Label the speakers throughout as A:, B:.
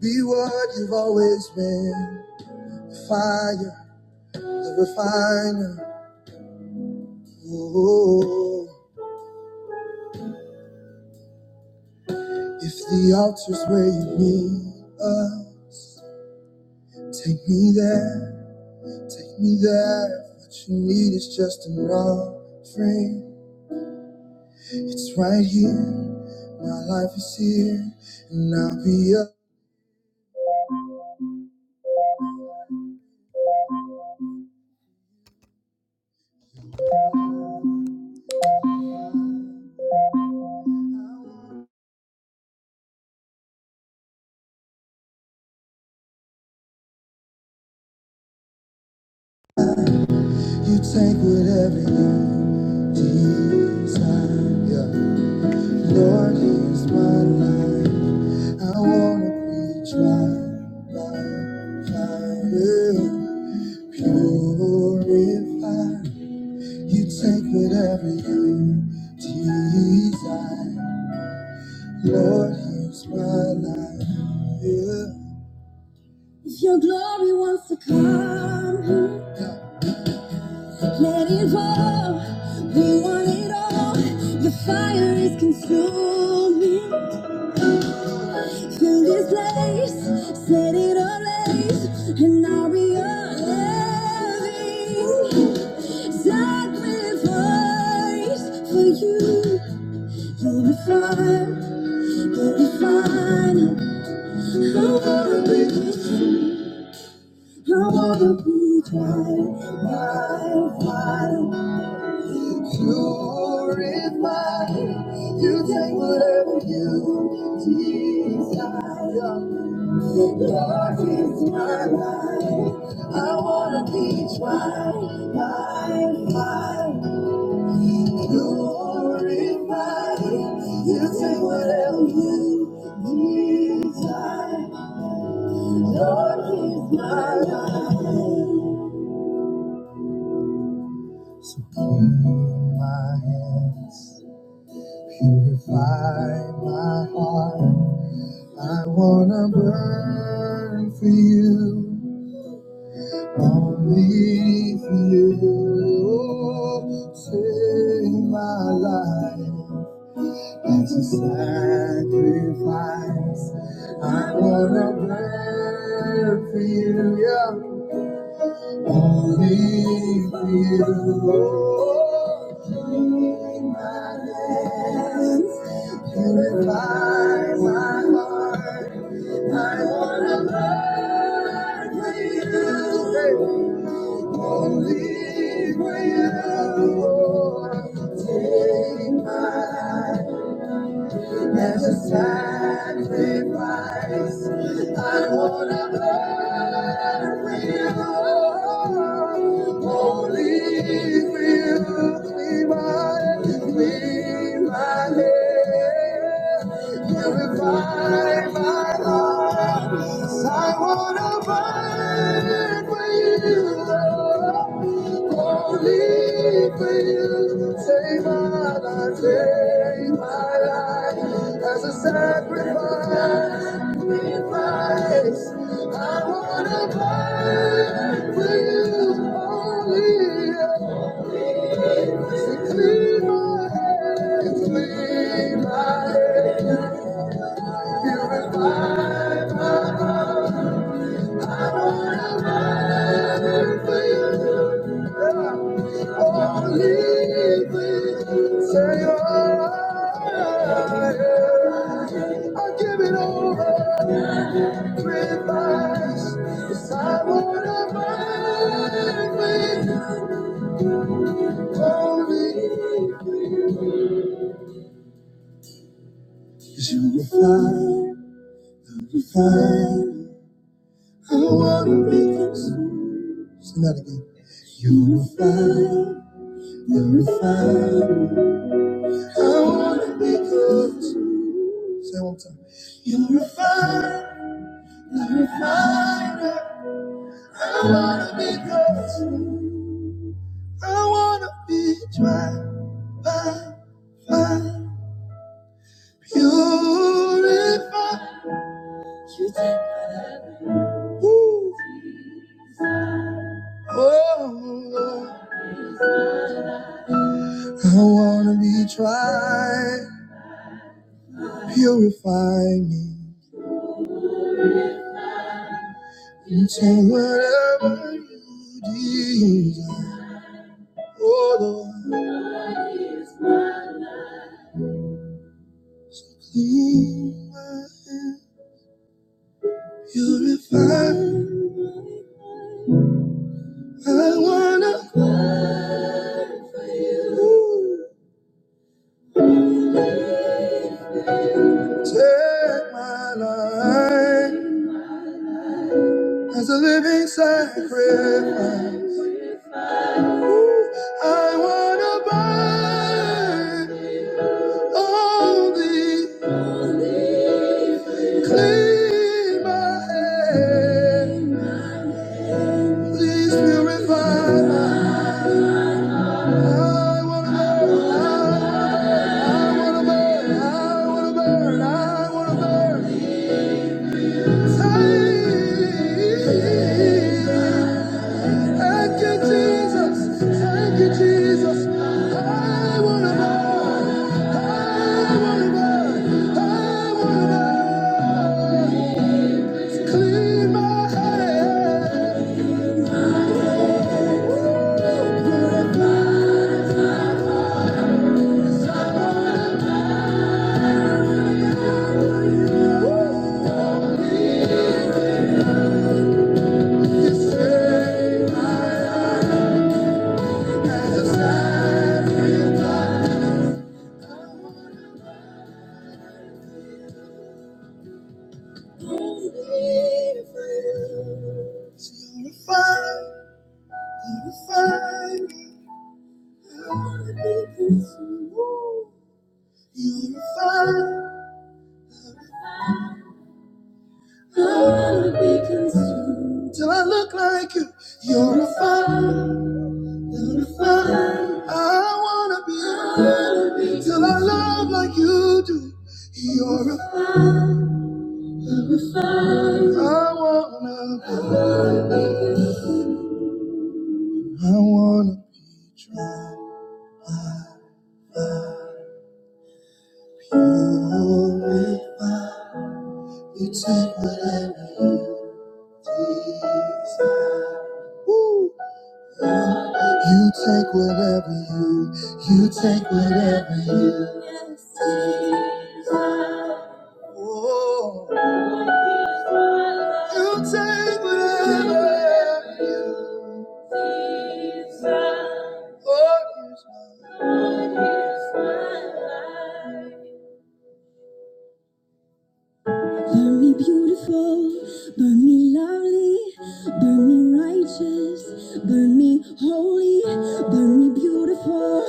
A: Be what you've always been. Fire, the refiner. Oh, if the altar's where you need us, take me there, take me there. What you need is just an offering. It's right here. My life is here, and I'll be up. You take whatever you desire. Lord, here's my life. I wanna be tried by your fire, purified. You take whatever you desire. Lord, here's my life. Yeah. If your glory wants to come here, let it fall. We want it all. Your fire is consuming. to this place, set it ablaze, and I'll be your loving sacrifice for you. You'll be fine, you'll be fine. I wanna be, I wanna be tried by fire. Purify, you take whatever you desire. Lord, is my life. I wanna be tried by fire. You Glorify. You take whatever you desire. Lord, is my life. So clean my hands, purify my heart. I wanna burn for you. Only for you save my life. as a sacrifice. I wanna burn for you. yeah. Only for you. Clean my hands, purify my heart. I wanna burn for you. Only for you. Take my life as a sacrifice. I wanna burn with you. Holy will clean my, clean my head. Purify my heart. I wanna burn. Purify my heart. I wanna burn for you. Only thing, Señor. I I give it all sacrifice. 'Cause I wanna burn with holy. 'Cause You refine, you refine. I wanna be consumed. Sing that again. You refine, you refine. I wanna be consumed. Say it one time. You refine, you refine. her. I wanna be close. to you. I wanna be tried by fire. Purify. You take whatever. Woo. Oh Lord, I wanna be tried. Purify me. You take whatever you desire. Oh Lord. Here's my life. Clean my hands, purify. I wanna burn for you. Take my life as a living sacrifice. Ooh, I wanna burn only clean my hands. Please purify my I wanna burn, I wanna burn, I wanna burn, I wanna burn. Thank you, Jesus. Thank you, Jesus. I wanna burn, I wanna burn, I wanna burn. Clean my head, purify. This ain't my life. Till I look like you, you're a fire, you're a fire. I wanna be, I wanna be till I love like you do. You're a fire, I wanna, I wanna be Glorify, you take whatever you desire. Woo! You take whatever you, you take whatever you desire. Oh, you take whatever you desire. Oh, use my life? Burn me beautiful, burn me lovely, burn me righteous, burn me holy, burn me beautiful,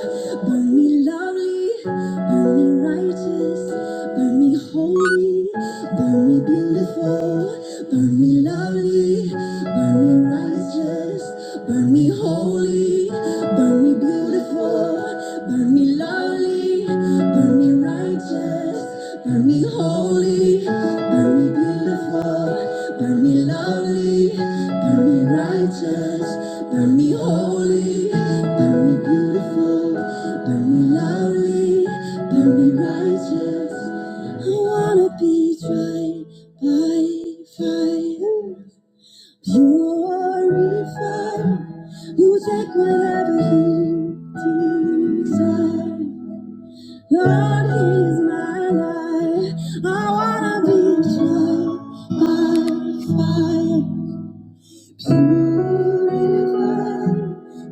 A: burn me lovely, burn me righteous, burn me holy, burn me beautiful, burn me lovely, burn me righteous, burn me holy, burn Burn me beautiful, burn me lovely, burn me righteous, burn me holy, burn me beautiful, burn me lovely, burn me righteous, burn me holy, burn me beautiful, burn me lovely, burn me righteous. I wanna be tried by fire. Purify, you take whatever you desire. Lord, here's my life. I wanna be tried by fire. Purify,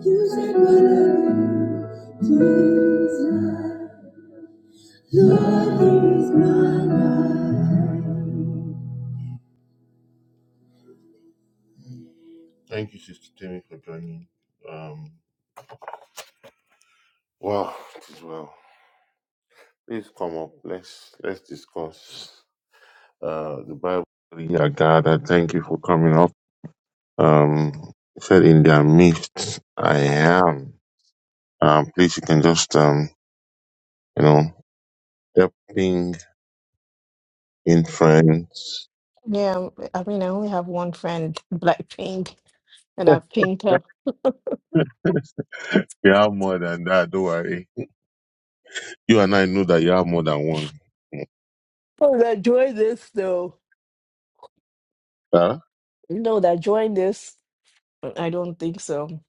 A: you take whatever you desire. Lord, here's my life. Thank you, Sister Timmy, for joining. Um, wow, it is well. Please come up. Let's let's discuss uh, the Bible. reading. Dear God, I thank you for coming up. Um, it said in their midst, I am. Um, please, you can just um, you know, helping in friends.
B: Yeah, I mean, I only have one friend, Blackpink, and I've pinged her.
A: you have more than that. Don't worry. You and I know that you have more than one.
B: Oh, that joined this though.
A: Huh?
B: No, that joined this. I don't think so.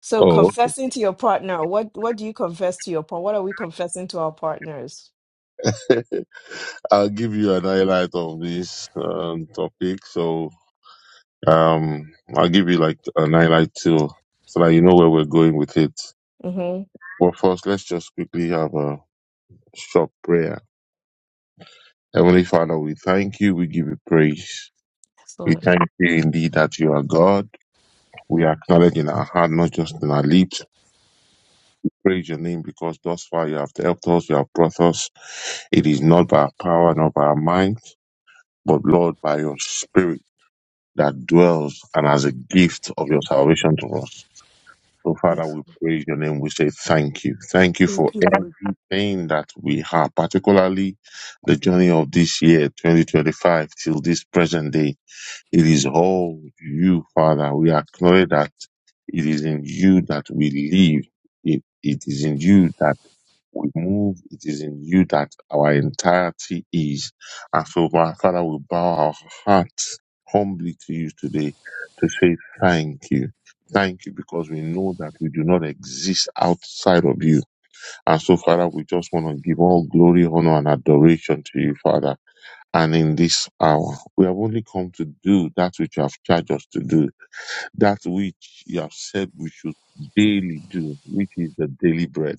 B: So
A: Oh,
B: confessing to your partner, what what do you confess to your partner? What are we confessing to our partners?
A: I'll give you an highlight of this um, topic. So Um, I'll give you like an highlight too, so that you know where we're going with it.
B: Mm-hmm.
A: But first, let's just quickly have a short prayer. Heavenly Father, we thank you. We give you praise.
B: Yes,
A: We
B: Lord.
A: thank you indeed that you are God. We acknowledge in our heart, not just in our lips. Praise your name because thus far you have helped us, you have brought us. It is not by our power, not by our mind, but Lord, by your spirit that dwells and as a gift of your salvation to us. So, Father,
B: Yes.
A: we praise your name. We say thank you. Thank you for
B: Thank you,
A: everything that we have, particularly the journey of this year, 2025, till this present day. It is all you, Father. We acknowledge that it is in you that we live. It, it is in you that we move. It is in you that our entirety is. And so, my Father, we bow our hearts humbly to you today to say thank you. Thank you because we know that we do not exist outside of you. And so, Father, we just want to give all glory, honor, and adoration to you, Father and in this hour. We have only come to do that which you have charged us to do that which you have said we should daily do, which is the daily bread.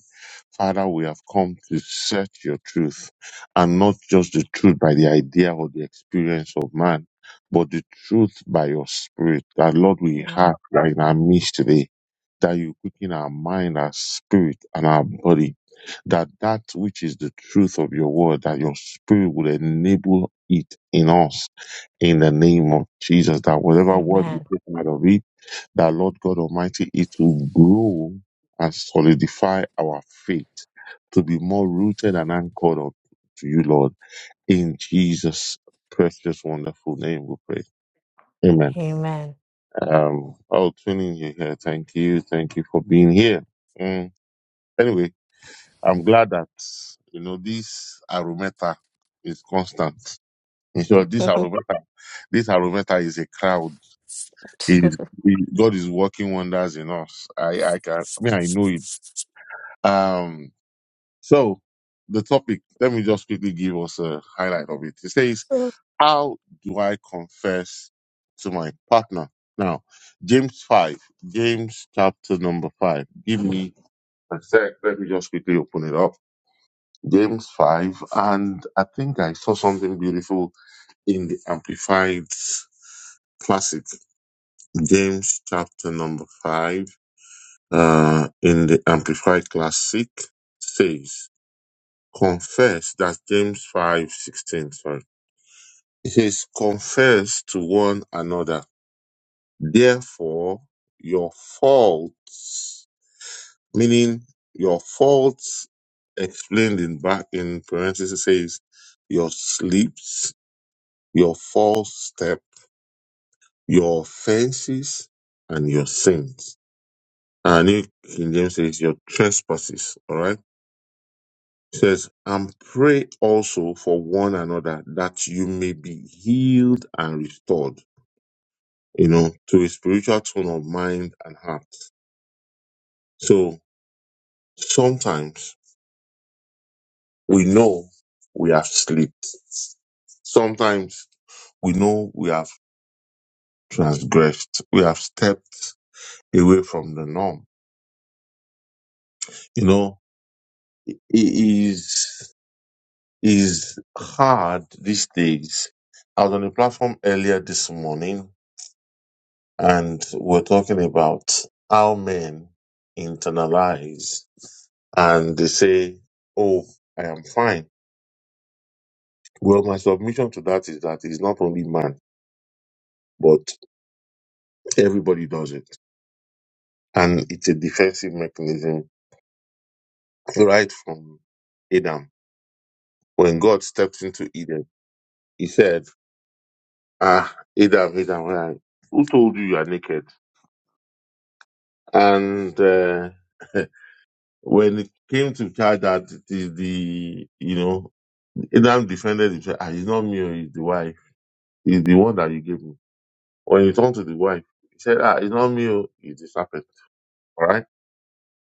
A: Father, we have come to search your truth and not just the truth by the idea or the experience of man, but the truth by your spirit. That Lord, we
B: Lord.
A: have
B: Mm,
A: right in our midst today, that you quicken our mind, our spirit, and our body. That that which is the truth of your word, that your spirit will enable it in us in the name of Jesus. That whatever word we
B: Amen.
A: take out of it, that Lord God Almighty, it will grow and solidify our faith to be more rooted and anchored up to you, Lord. In Jesus' precious, wonderful name, we pray. Amen.
B: Amen.
A: Um, oh, tuning you here. Thank you. Thank you for being here. Mm. Anyway, I'm glad that, you know, this arometa is constant. You know, this arometa, this arometa is a crowd. It Is it- God is working wonders in us. I, I can, I mean, I know it Um, so the topic, let me just quickly give us a highlight of it. It says,
B: So,
A: how do I confess to my partner? Now, James 5, James chapter number 5. Give me a sec. Let me just quickly open it up. James 5, and I think I saw something beautiful in the Amplified Classic. James chapter number 5, uh, in the Amplified Classic says, confess. That's James 5 16. Sorry. It says, confess to one another. Therefore, your faults, meaning your faults explained in back in parentheses, it says, your sleeps, your false step, your offenses, and your sins. And New King James says, your trespasses. All right. It says, and pray also for one another that you may be healed and restored, you know, to a spiritual tone of mind and heart. So sometimes we know we have slipped. Sometimes we know we have transgressed. We have stepped away from the norm. You know, it is, is hard these days. I was on a platform earlier this morning and we're talking about how men internalize and they say, "Oh, I am fine." Well, my submission to that is that it's not only man, but everybody does it, and it's a defensive mechanism right from Adam. When God stepped into Eden, He said, "Ah, Adam, Adam, why- who told you you are naked?" And uh, when it came to child that it is the you know Adam now defended himself. Ah, it's not me, oh, it's the wife. It's the one that you gave me. When he turned to the wife, he said, Ah, it's not me, oh, it's the serpent. All right?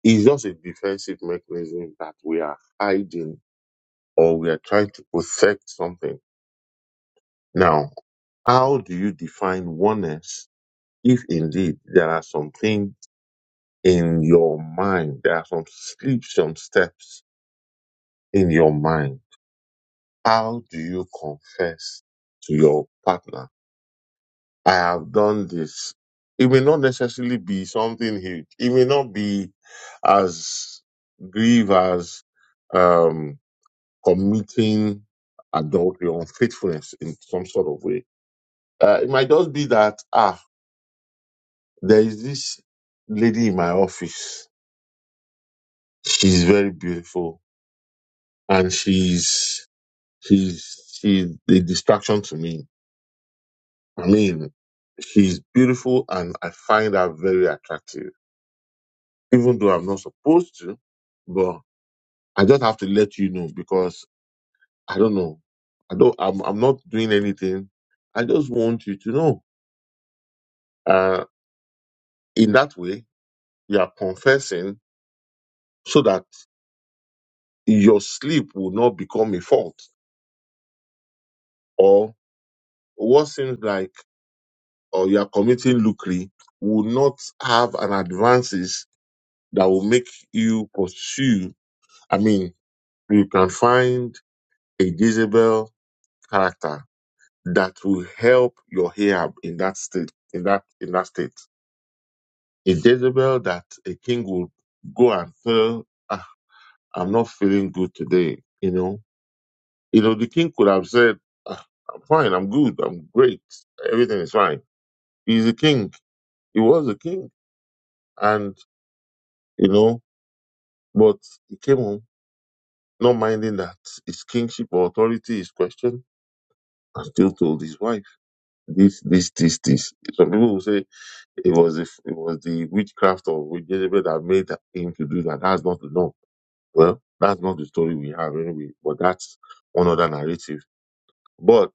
A: It's just a defensive mechanism that we are hiding or we are trying to protect something. Now, how do you define oneness if indeed there are some things in your mind, there are some slips, some steps in your mind? How do you confess to your partner? I have done this. It may not necessarily be something huge. It may not be as grieve as um, committing adultery or unfaithfulness in some sort of way. Uh, it might just be that ah, there is this lady in my office. She's very beautiful, and she's she's she's a distraction to me. I mean, she's beautiful, and I find her very attractive even though I'm not supposed to, but I just have to let you know because I don't know. I don't. I'm. I'm not doing anything. I just want you to know. Uh, in that way, you are confessing so that your sleep will not become a fault, or what seems like, or you are committing lucre will not have an advances that will make you pursue. I mean, you can find a Jezebel character that will help your Ahab in that state, in that in that state. A Jezebel that a king will go and tell, ah, I'm not feeling good today. You know, you know, the king could have said, ah, I'm fine, I'm good, I'm great, everything is fine. He's a king. He was a king, and you know, but he came home not minding that his kingship or authority is questioned, and still told his wife this, this, this, this. Some people will say It was if it was the witchcraft of Jezebel that made him to do that. That's not to know. Well, that's not the story we have anyway. But that's one other narrative. But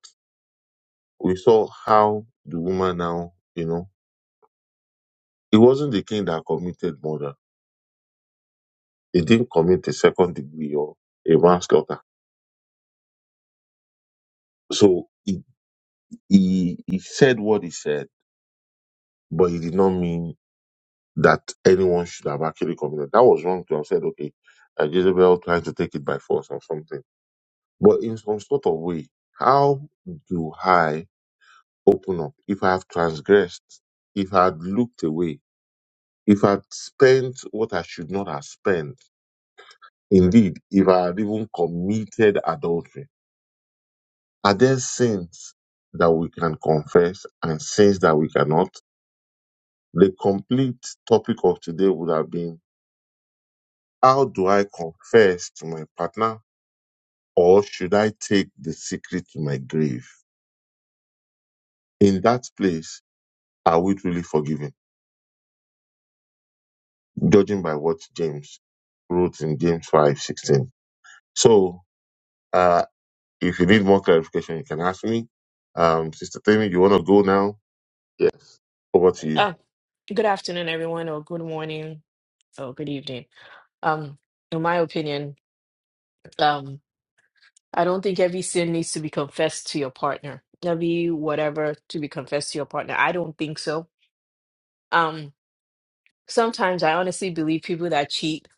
A: we saw how the woman now, you know, it wasn't the king that committed murder. He didn't commit a second degree or a manslaughter. So he, he he said what he said, but he did not mean that anyone should have actually committed. That was wrong to have said, okay, uh, Jezebel trying to take it by force or something But in some sort of way, how do I open up if I have transgressed, if I had looked away, if I had spent what I should not have spent? Indeed, if I had even committed adultery, are there sins that we can confess and sins that we cannot? The complete topic of today would have been how do I confess to my partner or should I take the secret to my grave? In that place, are we truly forgiven? judging by what James wrote in James five sixteen. So, uh, if you need more clarification, you can ask me. Um, Sister Tammy, you want to go now? Yes. Over to you.
B: uh, good afternoon, everyone, or good morning, or good evening. Um, in my opinion, um, I don't think every sin needs to be confessed to your partner. Every whatever to be confessed to your partner. I don't think so. Um, sometimes I honestly believe people that cheat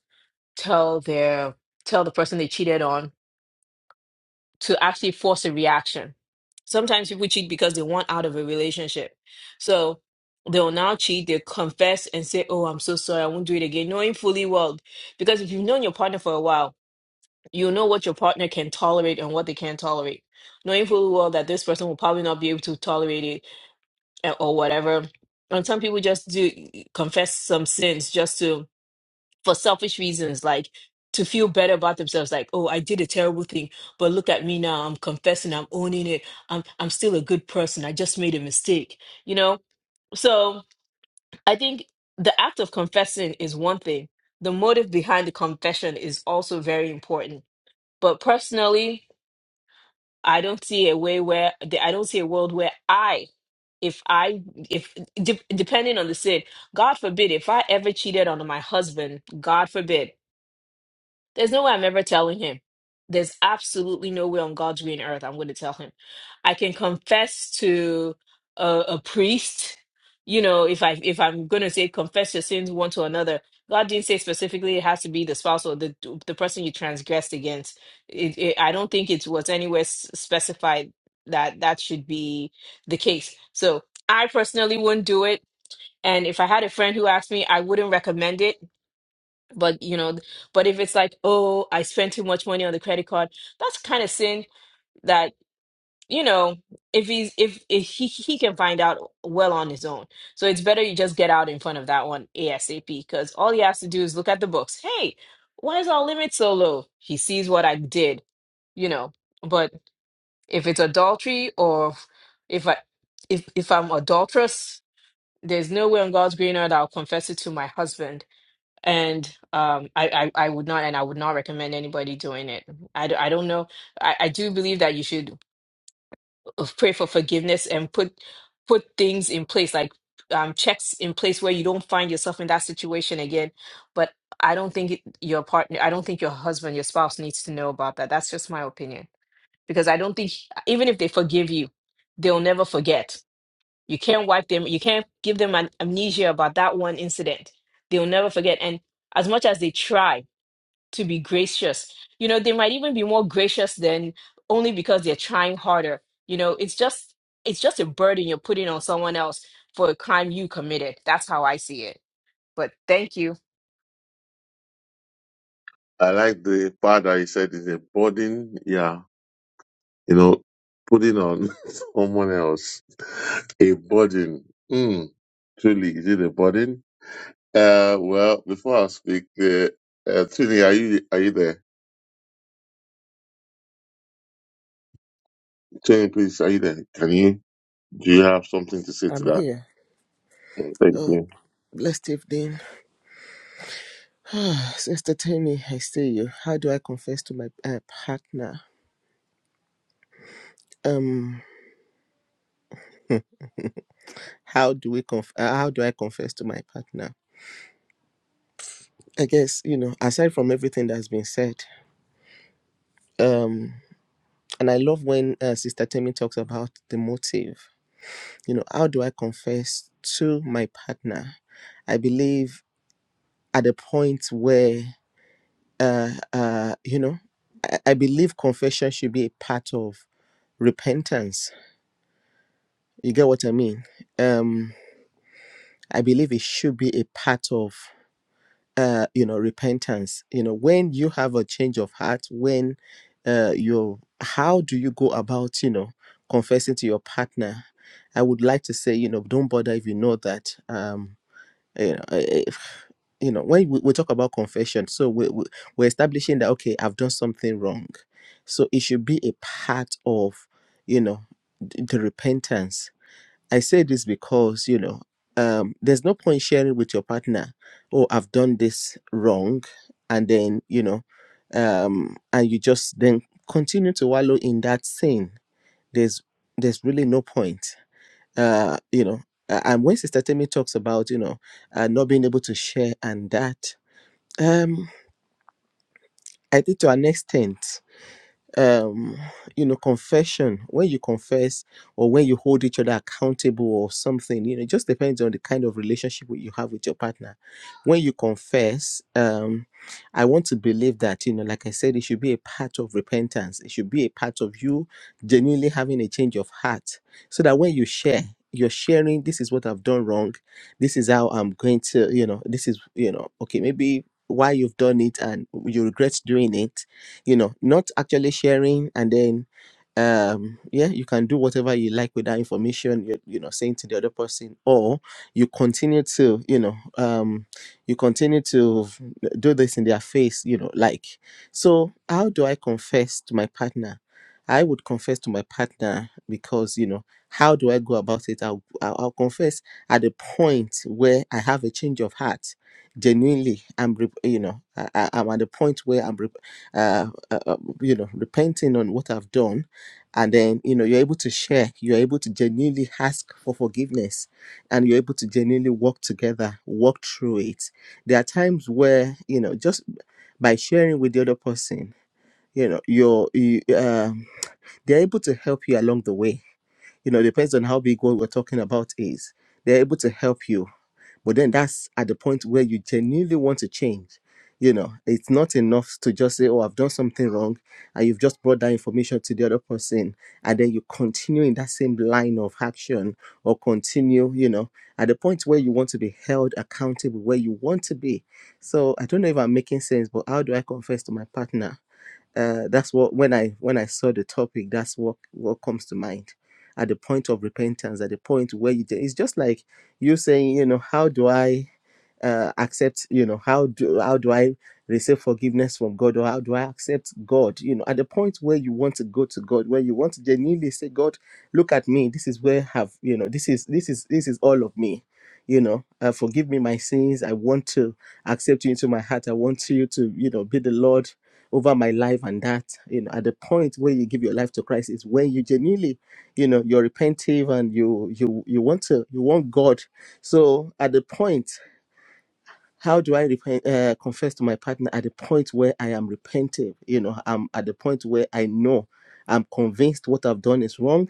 B: tell their tell the person they cheated on to actually force a reaction. Sometimes people cheat because they want out of a relationship. So they'll now cheat, they confess and say, Oh, I'm so sorry, I won't do it again, knowing fully well. Because if you've known your partner for a while, you know what your partner can tolerate and what they can't tolerate, knowing full well that this person will probably not be able to tolerate it eh, or whatever. And some people just do confess some sins just to for selfish reasons, like to feel better about themselves, like, oh, I did a terrible thing, but look at me now. I'm confessing, I'm owning it. I'm I'm still a good person. I just made a mistake, you know? So I think the act of confessing is one thing. The motive behind the confession is also very important. But personally, I don't see a way where the- I don't see a world where I, if I, if de- depending on the sin, God forbid, if I ever cheated on my husband, God forbid, there's no way I'm ever telling him. There's absolutely no way on God's green earth I'm going to tell him. I can confess to a, a priest, you know, if I if I'm going to say confess your sins one to another. God didn't say specifically it has to be the spouse or the the person you transgressed against. It, it, I don't think it was anywhere s- specified that that should be the case. So I personally wouldn't do it. And if I had a friend who asked me, I wouldn't recommend it but you know but if it's like oh i spent too much money on the credit card that's kind of sin that you know if he's if, if he he can find out well on his own so it's better you just get out in front of that one asap because all he has to do is look at the books hey why is our limit so low he sees what i did you know but if it's adultery or if i if if i'm adulterous there's no way on god's green earth i'll confess it to my husband and um I, I i would not and i would not recommend anybody doing it i, d- I don't know I, I do believe that you should uh, pray for forgiveness and put put things in place like um checks in place where you don't find yourself in that situation again but i don't think it, your partner i don't think your husband your spouse needs to know about that that's just my opinion because i don't think even if they forgive you they'll never forget you can't wipe them you can't give them an amnesia about that one incident they'll never forget and as much as they try to be gracious. You know, they might even be more gracious than only because they're trying harder. You know, it's just it's just a burden you're putting on someone else for a crime you committed. That's how I see it. But thank you.
A: I like the part that you said is a burden. Yeah. You know, putting on someone else a burden. Mm, truly, is it a burden? Uh, well, before I speak, uh, uh, Trini, are you are you there? Trini, please, are you there? Can you do you have something to say to
C: I'm
A: that?
C: here.
A: Thank
C: Oh,
A: you.
C: blessed evening. Sister Tammy, I see you. How do I confess to my uh, partner? Um, how do we conf- uh, how do I confess to my partner? I guess, you know, aside from everything that's been said, um, and I love when uh, Sister Tammy talks about the motive. You know, how do I confess to my partner? I believe at the point where, uh, uh, you know, I, I believe confession should be a part of repentance You get what I mean? Um, I believe it should be a part of, uh, you know, repentance. You know, when you have a change of heart, when uh, you, how do you go about, you know, confessing to your partner? I would like to say, you know, don't bother if you know that, um, you know, eh, eh, you know, when we, we talk about confession, so we, we, we're establishing that, okay, I've done something wrong. So it should be a part of, you know, the repentance I say this because, you know, um, there's no point sharing with your partner, oh, I've done this wrong. And then, you know, um, and you just then continue to wallow in that sin. There's there's really no point. Uh, you know, a- and when Sister Temi talks about, you know, uh, not being able to share and that, um, I think to an extent, um you know confession when you confess or when you hold each other accountable or something you know it just depends on the kind of relationship you have with your partner when you confess um i want to believe that you know like i said it should be a part of repentance it should be a part of you genuinely having a change of heart so that when you share you're sharing this is what i've done wrong this is how i'm going to you know this is you know okay maybe why you've done it and you regret doing it you know, not actually sharing and then um yeah you can do whatever you like with that information you're you know saying to the other person or you continue to you know um you continue to do this in their face you know like so how do i confess to my partner i would confess to my partner because you know how do i go about it i'll, I'll I'll confess at the point where i have a change of heart genuinely i'm rep- you know I, I- i'm at the point where i'm rep- uh, uh, uh, you know repenting on what i've done and then you know you're able to share you're able to genuinely ask for forgiveness and you're able to genuinely work together work through it there are times where you know just by sharing with the other person you know you're you, um, they're able to help you along the way you know depends on how big what we're talking about is they're able to help you but then that's at the point where you genuinely want to change. You know, it's not enough to just say, Oh, I've done something wrong. And you've just brought that information to the other person. And then you continue in that same line of action or continue, you know, at the point where you want to be held accountable, where you want to be. So I don't know if I'm making sense, but how do I confess to my partner? uh, that's what when I when I saw the topic, that's what what comes to mind. At the point of repentance, at the point where you, it's just like you saying, you know, how do I uh, accept, you know, how do how do I receive forgiveness from God, or how do I accept God, you know, at the point where you want to go to God, where you want to genuinely say, God, look at me, this is where I have, you know, this is this is this is all of me, you know, uh, forgive me my sins, I want to accept you into my heart, I want you to, you know, be the Lord over my life and that you know at the point where you give your life to christ is when you genuinely you know you're repentive and you you you want to you want god so at the point how do i repent uh, confess to my partner at the point where i am repentive you know i'm at the point where i know i'm convinced what i've done is wrong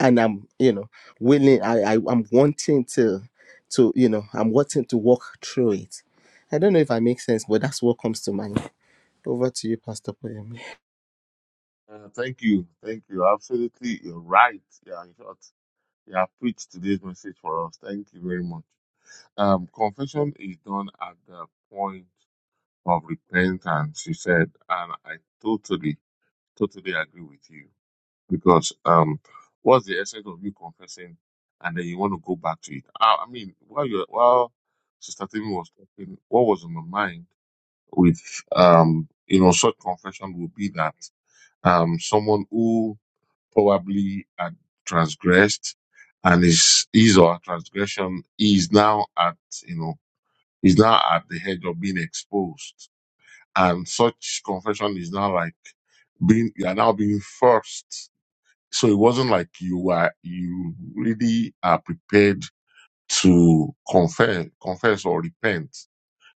C: and i'm you know willing i, I i'm wanting to to you know i'm wanting to walk through it i don't know if i make sense but that's what comes to mind over to you pastor Poyemi.
A: Yeah, thank you. Thank you. Absolutely. You're right. Yeah, in short, you have preached today's message for us. Thank you very much. Um, confession is done at the point of repentance, you said, and I totally, totally agree with you because um, what's the essence of you confessing and then you want to go back to it? I, I mean, while you while Sister Timmy was talking, what was on my mind with um, you know, such confession would be that um, someone who probably had transgressed and his, his or her transgression is now at, you know, is now at the edge of being exposed. And such confession is now like being, you are now being forced. So it wasn't like you were, you really are prepared to confess, confess or repent.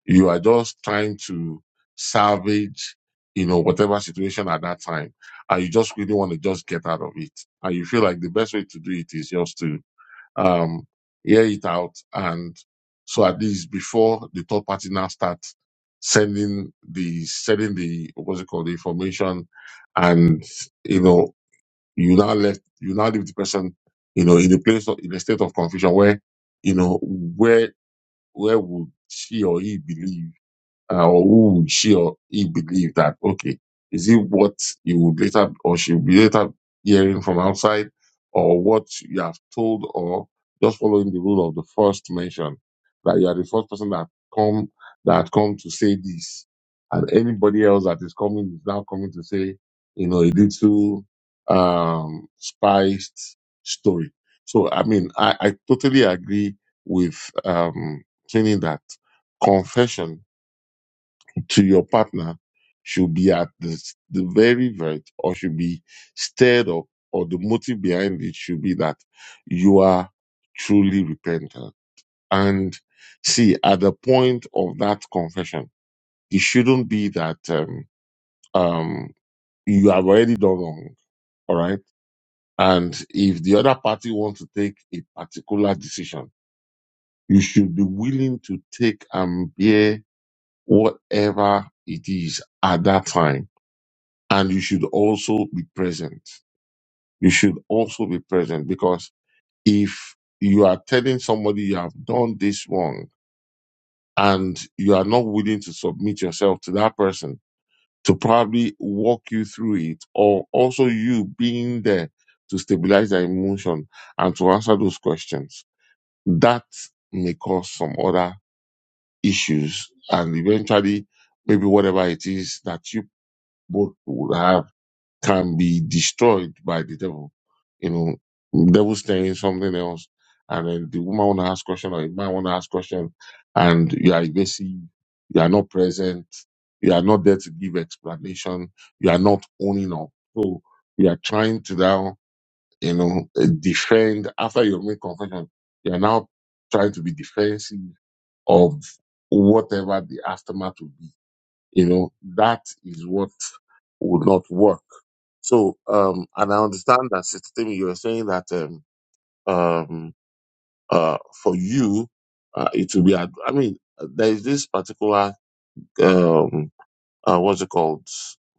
A: You are just trying to salvage, you know, whatever situation at that time. And you just really want to just get out of it. And you feel like the best way to do it is just to, um, hear it out. And so at least before the third party now starts sending the, sending the, what's it called, the information and, you know, you now left, you now leave the person, you know, in a place, of, in a state of confusion where, you know, where, where would she or he believe? uh, or who would she or he believe that okay is it what you would later or she would be later hearing from outside or what you have told or just following the rule of the first mention that you are the first person that come that come to say this and anybody else that is coming is now coming to say you know a little um spiced story so i mean i, I totally agree with um training that confession to your partner should be at the, s- the very verge or should be stirred up or the motive behind it should be that you are truly repentant. And see, at the point of that confession, it shouldn't be that um, um, you have already done wrong, all right? And if the other party wants to take a particular decision, you should be willing to take and bear whatever it is at that time And you should also be present. You should also be present because if you are telling somebody you have done this wrong and you are not willing to submit yourself to that person to probably walk you through it or also you being there to stabilize their emotion and to answer those questions, that may cause some other issues and eventually maybe whatever it is that you both would have can be destroyed by the devil. You know, Devil saying something else, and then the woman wanna ask question or the man wanna ask question, and you are evasive, you are not present, you are not there to give explanation, you are not owning up. So you are trying to now, you know, eh, defend after you make confession, you are now trying to be defensive of whatever the aftermath will be. You know, that is what would not work. So, um, and I understand that, Sister Timmy, you were saying that um, um, uh, for you, uh, it will be. ad- I mean, there is this particular um, uh, what's it called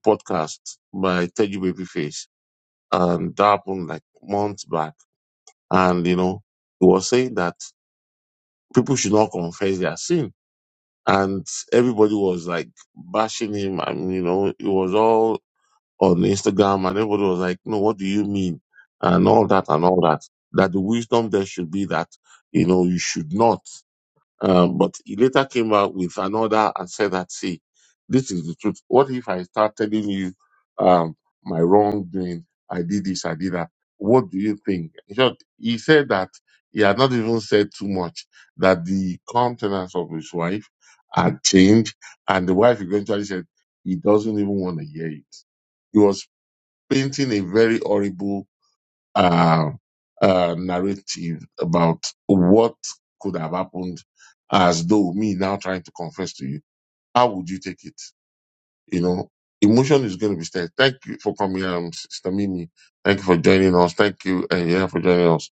A: podcast by Teddy Babyface, and that happened like months back. And you know, he was saying that people should not confess their sin, and everybody was like bashing him, and you know, it was all on Instagram and everybody was like, no, what do you mean? And all that and all that. That the wisdom there should be that, you know, you should not. Um, but he later came out with another and said that, see, this is the truth. What if I start telling you, um, my wrongdoing? I did this, I did that. What do you think? In short, he said that he had not even said too much, that the countenance of his wife had changed. And the wife eventually said, he doesn't even want to hear it painting a very horrible uh, uh, narrative about what could have happened as though me now trying to confess to you. How would you take it? You know, emotion is going to be there. Thank you for coming, um, Sister Mimi. Thank you for joining us. Thank you, and yeah, for joining us.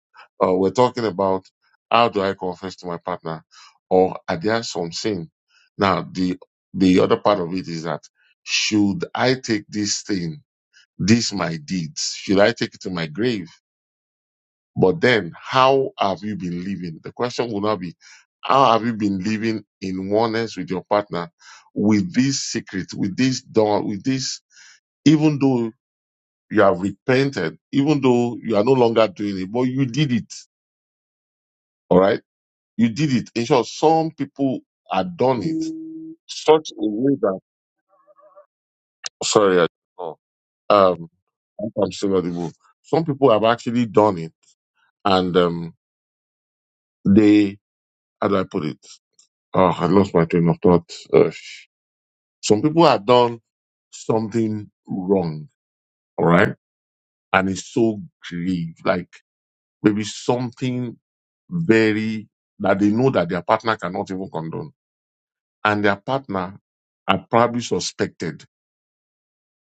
A: Uh, we're talking about how do I confess to my partner, or are there some sin? Now, the the other part of it is that should I take this thing, this my deed, should I take it to my grave? But then, how have you been living? The question will not be, how have you been living in oneness with your partner with this secret, with this dawn, with this, even though you have repented, even though you are no longer doing it, but you did it. All right. You did it. In short, some people have done it such a way that, sorry, I- oh, um, I'm still not able. Some people have actually done it and, um, they, how do I put it? Oh, I lost my train of thought. Uh, Some people have done something wrong, all right? And it's so grave, like maybe something very that they know that their partner cannot even condone. And their partner are probably suspected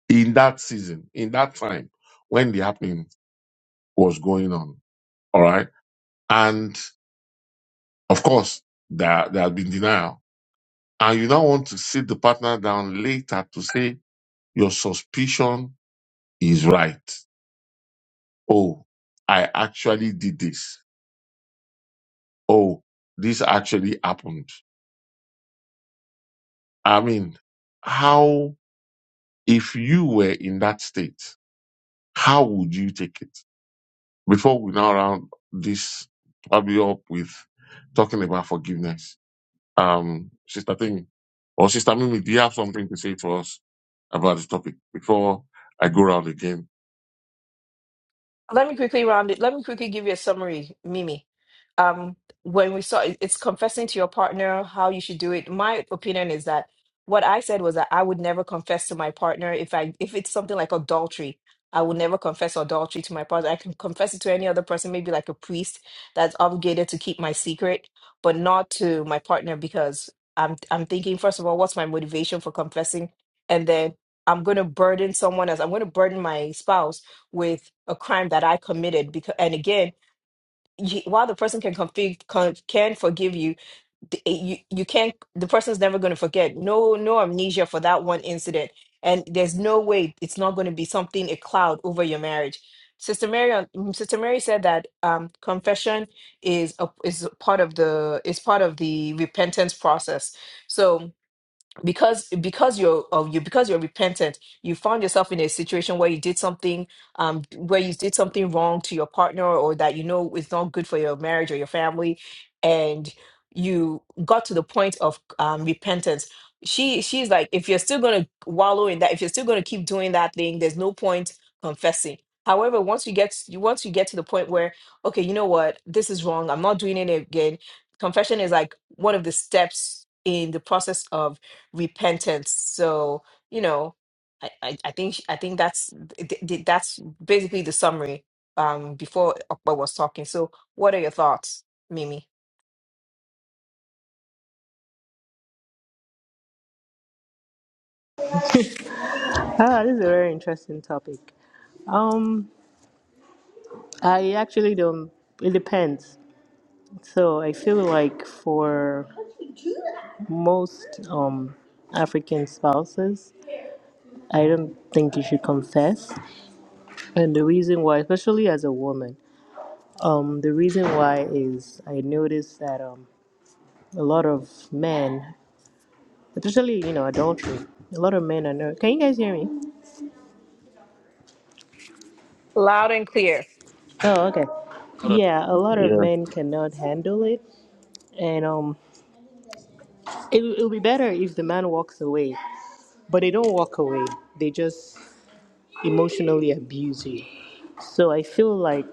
A: in that season, in that time when the happening was going on. All right. And of course, there, there has been denial. And you now want to sit the partner down later to say your suspicion is right. Oh, I actually did this. Oh, this actually happened. I mean, how, if you were in that state, how would you take it? Before we now round this probably up with talking about forgiveness, um, Sister Thing or Sister Mimi, do you have something to say to us about this topic before I go round again?
B: Let me quickly round it. Let me quickly give you a summary, Mimi. Um, when we saw it- it's confessing to your partner how you should do it. My opinion is that what I said was that I would never confess to my partner if I if it's something like adultery. I would never confess adultery to my partner. I can confess it to any other person, maybe like a priest that's obligated to keep my secret, but not to my partner because I'm I'm thinking first of all, what's my motivation for confessing? And then I'm going to burden someone else. I'm going to burden my spouse with a crime that I committed because and again you, while the person can config, con, can forgive you, the- eh, you you can't the person's never going to forget no no amnesia for that one incident and there's no way it's not going to be something a cloud over your marriage sister mary on- mm, sister mary said that um, confession is a, is a part of the is part of the repentance process so because because you're of you because you're repentant you found yourself in a situation where you did something um where you did something wrong to your partner or that you know is not good for your marriage or your family and you got to the point of um repentance she she's like if you're still going to wallow in that if you're still going to keep doing that thing there's no point confessing however once you get you once you get to the point where okay you know what this is wrong i'm not doing it again confession is like one of the steps in the process of repentance. So, you know, I, I, I think sh- I think that's th- th- that's basically the summary um before Okpa was talking. So, what are your thoughts, Mimi?
D: Ah, this is a very interesting topic. Um, I actually don't. It depends. So I feel like for most um African spouses, I don't think you should confess. And the reason why, especially as a woman, um, the reason why is I noticed that um a lot of men, especially you know adultery, a lot of men are. Not, can you guys hear me?
B: Loud and clear.
D: Oh, okay. Yeah, a lot of men cannot handle it, and um. It, it'll be better if the man walks away, but they don't walk away. They just emotionally abuse you. So I feel like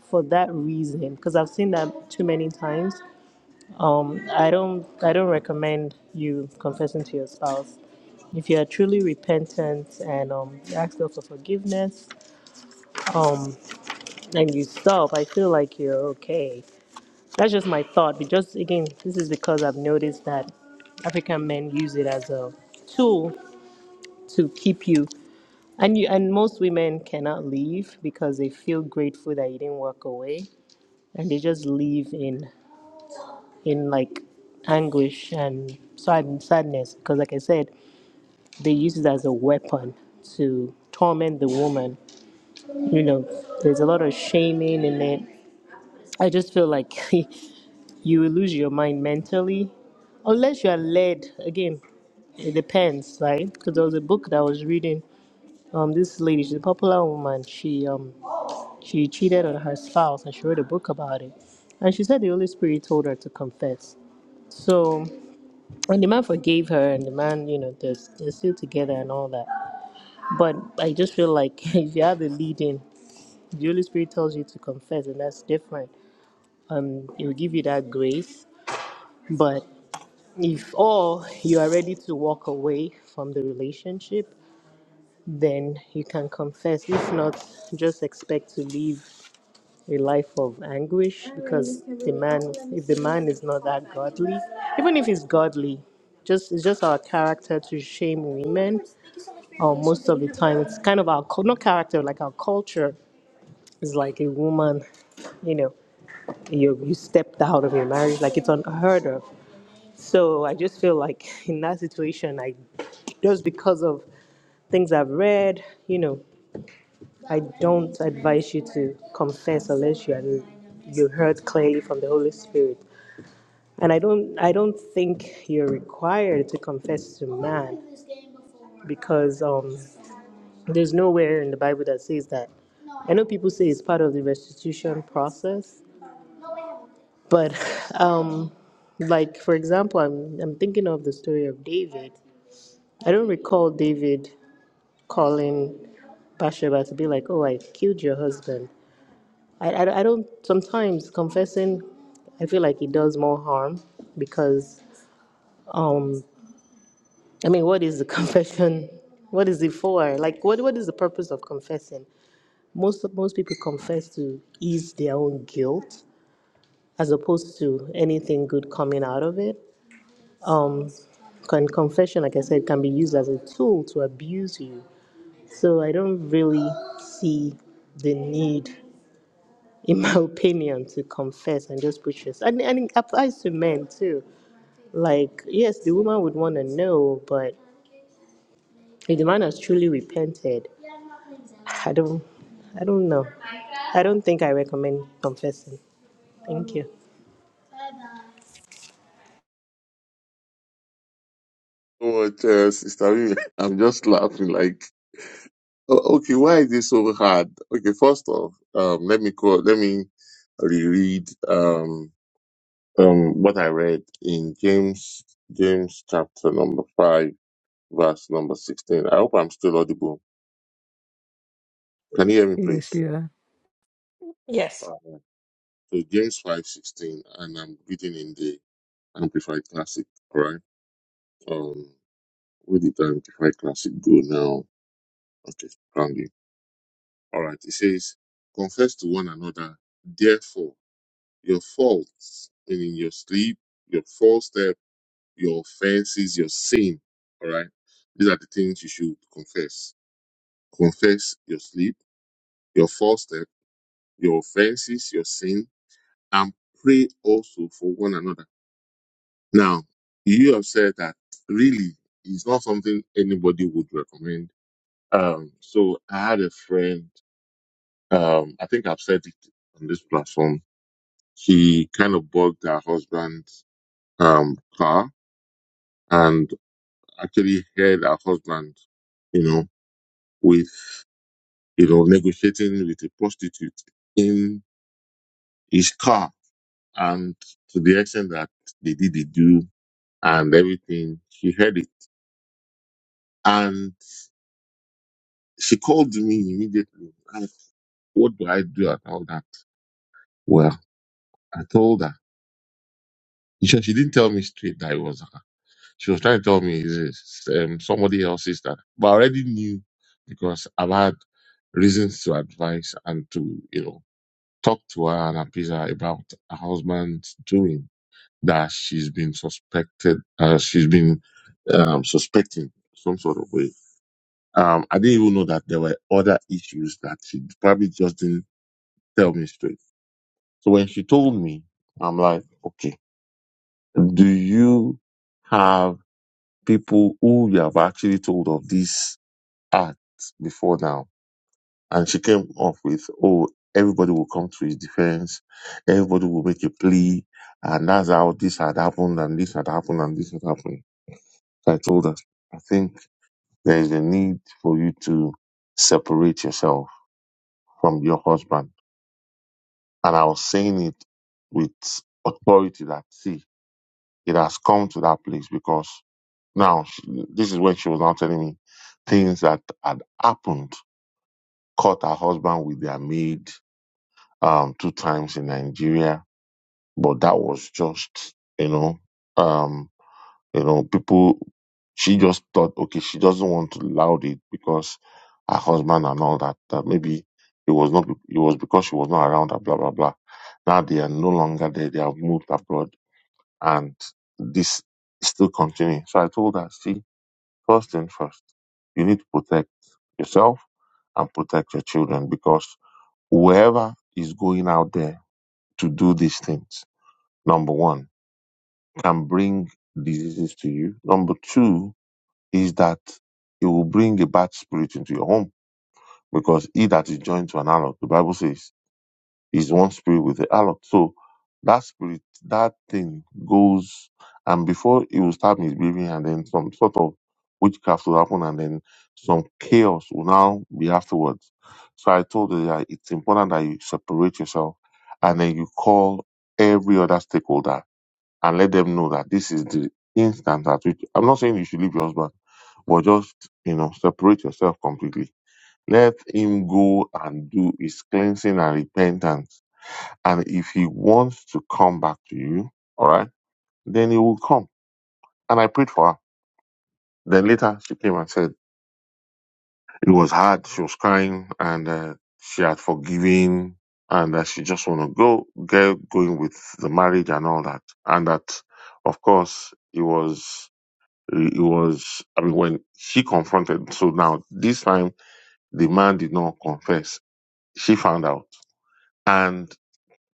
D: for that reason, because I've seen that too many times, um, I don't I don't recommend you confessing to your spouse. If you are truly repentant and um, you ask God for forgiveness, um, and you stop, I feel like you're okay. That's just my thought. But just again, this is because I've noticed that African men use it as a tool to keep you. And you and most women cannot leave because they feel grateful that you didn't walk away, and they just leave in in like anguish and sad, sadness because, like I said, they use it as a weapon to torment the woman. You know, there's a lot of shaming in it. I just feel like you will lose your mind mentally unless you are led again it depends right because there was a book that i was reading um this lady she's a popular woman she um She cheated on her spouse and she wrote a book about it. And she said the Holy Spirit told her to confess. So, and the man forgave her, and the man, you know, they're, they're still together and all that. But I just feel like if you have a leading, the Holy Spirit tells you to confess, and that's different. Um, it will give you that grace. But if all you are ready to walk away from the relationship, then you can confess. If not, just expect to leave a life of anguish because the man if the man is not that godly even if he's godly just it's just our character to shame women or most of the time it's kind of our cul- not character like our culture is like a woman you know you you stepped out of your marriage like it's unheard of so i just feel like in that situation i just because of things i've read you know I don't advise you to confess unless you are you heard clearly from the Holy Spirit. And I don't I don't think you're required to confess to man because um there's nowhere in the Bible that says that. I know people say it's part of the restitution process, but um like for example I'm I'm thinking of the story of David. I don't recall David calling Bathsheba to be like, Oh, I killed your husband. I, I, I don't sometimes confessing I feel like it does more harm because um I mean what is the confession what is it for like what what is the purpose of confessing most most people confess to ease their own guilt as opposed to anything good coming out of it um con- confession like I said can be used as a tool to abuse you so I don't really see the need in my opinion, to confess and just preach this. And, and it applies to men too. Like, yes, the woman would want to know, but if the man has truly repented, I don't, I don't know. I don't think I recommend confessing. Thank you.
A: What, uh, Sister Mimi? I'm just laughing like Oh, okay, why is this so hard? Okay, first off, um, let me quote, let me reread um, um, what I read in James James chapter number five, verse number sixteen. I hope I'm still audible. Can you hear me,
C: Yes,
A: please?
C: yeah.
B: Yes.
A: Alright. So James five sixteen, and I'm reading in the Amplified Classic. All right. Um, where did the Amplified Classic go now? Okay, found it. All right. It says, "Confess to one another, therefore." your faults, and in your sleep, your false step, your offenses, your sin. All right. These are the things you should confess. Confess your sleep, your false step, your offenses, your sin, and pray also for one another. Now, you have said that really it's not something anybody would recommend. Um, so I had a friend, um, I think I've said it on this platform. She kind of bugged her husband's um car and actually had her husband, you know, with, you know, negotiating with a prostitute in his car. And to the extent that they did the do and everything, she heard it. And she called immediately and asked, what do I do at all that? Well, I told her. She she didn't tell me straight that it was her. She was trying to tell me it's um, somebody else's sister. But I already knew because I've had reasons to advise and to, you know, talk to her and appease her about her husband's doing that she's been suspected, uh, she's been um, suspecting some sort of way. Um, I didn't even know that there were other issues that she probably just didn't tell me straight. So when she told me, I'm like, okay, do you have people who you have actually told of this act before now? And she came up with, oh, everybody will come to his defense. Everybody will make a plea. And that's how this had happened and this had happened and this had happened. So I told her, I think there is a need for you to separate yourself from your husband. And I was saying it with authority that, see, it has come to that place because now she, this is when she was now telling me things that had happened. Caught her husband with their maid um, two times in Nigeria But that was just, you know, um, you know, people. She just thought, okay, she doesn't want to loud it because her husband and all that. That maybe it was not. It was because she was not around. And blah blah blah. Now they are no longer there. They have moved abroad, and this is still continuing. So I told her, see, first thing first, you need to protect yourself and protect your children because whoever is going out there to do these things, number one can bring diseases to you. Number two is that it will bring a bad spirit into your home because he that is joined to an harlot, the Bible says, is one spirit with the harlot. So that spirit, that thing goes, and before it will start misbehaving, and then some sort of witchcraft will happen, and then some chaos will now be afterwards. So I told her that it's important that you separate yourself and then you call every other stakeholder and let them know that this is the instant at which I'm not saying you should leave your husband, but just you know, separate yourself completely. Let him go and do his cleansing and repentance. And if he wants to come back to you, all right, then he will come. And I prayed for her. Then later she came and said it was hard. She was crying and uh, she had forgiven and that she just want to go get going with the marriage and all that. And that, of course, it was. It was, I mean, when she confronted, so now this time the man did not confess. She found out and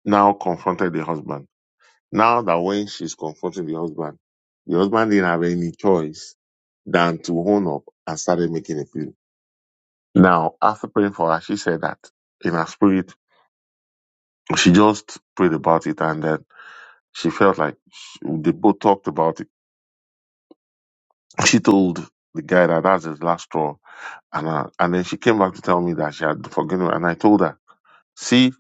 A: now confronted the husband. Now that when she's confronting the husband, the husband didn't have any choice than to own up and started making a plea. Now, after praying for her, she said that in her spirit, she just prayed about it and then she felt like she, they both talked about it. She told the guy that that's his last straw And I, and then she came back to tell me that she had forgiven me. And I told her, see,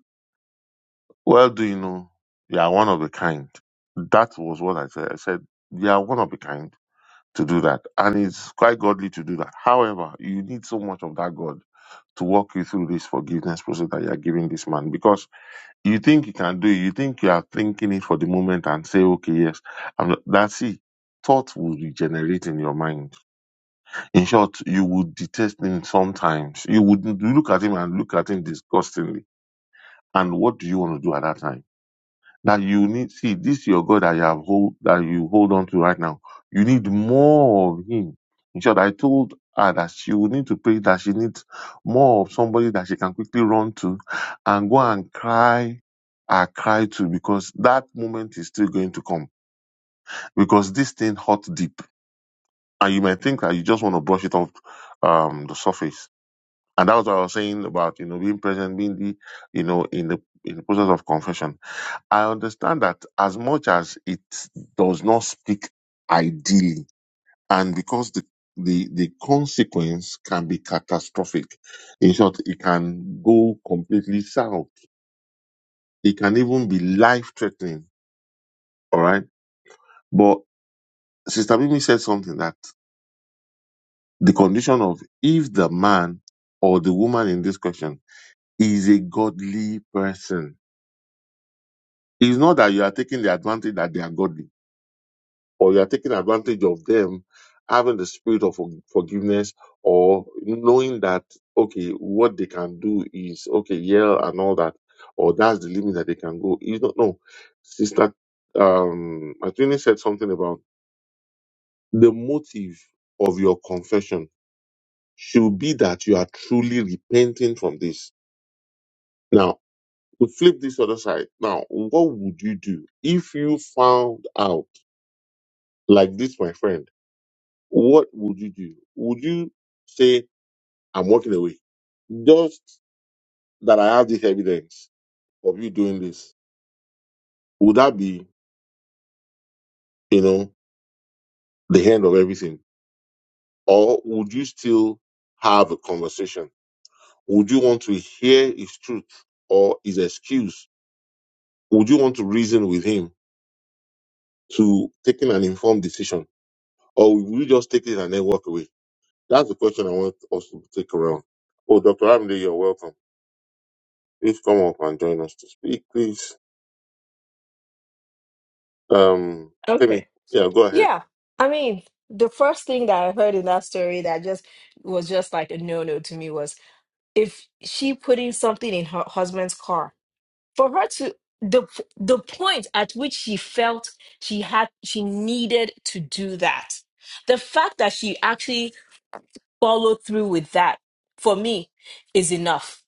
A: well, do you know, you are one of a kind. That was what I said. I said, you are one of a kind to do that. And it's quite godly to do that. However, you need so much of that God to walk you through this forgiveness process that you are giving this man because you think you can do it. You think you are thinking it for the moment and say, okay, yes. And that's it. Thought will regenerate in your mind In short, you would detest him sometimes. You would look at him and look at him disgustingly. And what do you want to do at that time? That you need see this your God that you have hold that you hold on to right now. You need more of him. In short, I told her that she would need to pray that she needs more of somebody that she can quickly run to and go and cry I cry to because that moment is still going to come. Because this thing hot deep. And you might think that you just want to brush it off um the surface And that was what I was saying about, you know, being present, being the, you know, in the in the process of confession. I understand that as much as it does not speak ideally, and because the the, the consequence can be catastrophic. In short, it can go completely south. It can even be life threatening. All right. But Sister Mimi said something that the condition of if the man or the woman in this question is a godly person It's not that you are taking the advantage that they are godly, or you are taking advantage of them having the spirit of forg- forgiveness, or knowing that okay, what they can do is okay, yeah, and all that, or that's the limit that they can go. You don't know, sister. Um, Atwini said something about the motive of your confession should be that you are truly repenting from this. Now, to flip this other side, now, what would you do if you found out? Like this, my friend, what would you do? Would you say, I'm walking away? Just that I have this evidence of you doing this. Would that be, you know, the end of everything? Or would you still have a conversation? Would you want to hear his truth or his excuse? Would you want to reason with him to taking an informed decision? Or will you just take it and then walk away? That's the question I want us to take around. Oh, Dr. Amde, you're welcome. Please come up and join us to speak, please. Um, tell me,
B: Okay.
A: yeah, go ahead.
B: Yeah, I mean, the first thing that I heard in that story that just was just like a no-no to me was if she putting something in her husband's car for her to the the point at which she felt she had she needed to do that the fact that she actually followed through with that for me is enough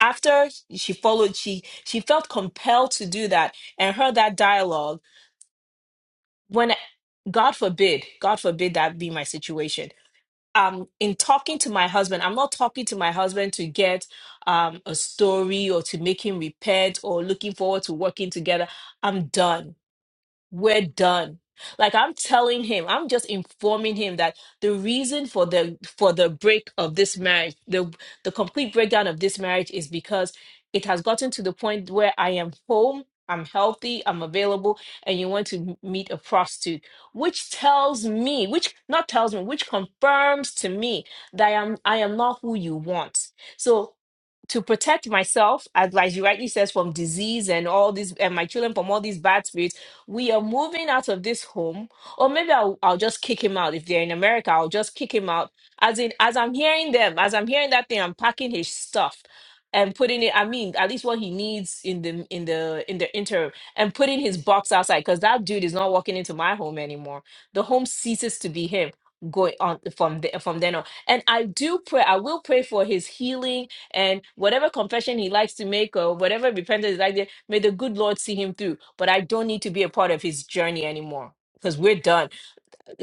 B: after she followed she she felt compelled to do that and heard that dialogue when god forbid god forbid that be my situation um in talking to my husband i'm not talking to my husband to get um a story or to make him repent or looking forward to working together i'm done we're done like i'm telling him i'm just informing him that the reason for the for the break of this marriage the the complete breakdown of this marriage is because it has gotten to the point where i am home i'm healthy i'm available and you want to m- meet a prostitute which tells me which not tells me which confirms to me that i am i am not who you want so to protect myself, as as you rightly says, from disease and all these, and my children from all these bad spirits, we are moving out of this home. Or maybe I'll, I'll just kick him out. If they're in America, I'll just kick him out. As in, as I'm hearing them, as I'm hearing that thing, I'm packing his stuff and putting it. I mean, at least what he needs in the in the in the interim, and putting his box outside because that dude is not walking into my home anymore. The home ceases to be him. Going on from the, from then on, and I do pray. I will pray for his healing and whatever confession he likes to make or whatever repentance is like, there, may the good Lord see him through. But I don't need to be a part of his journey anymore because we're done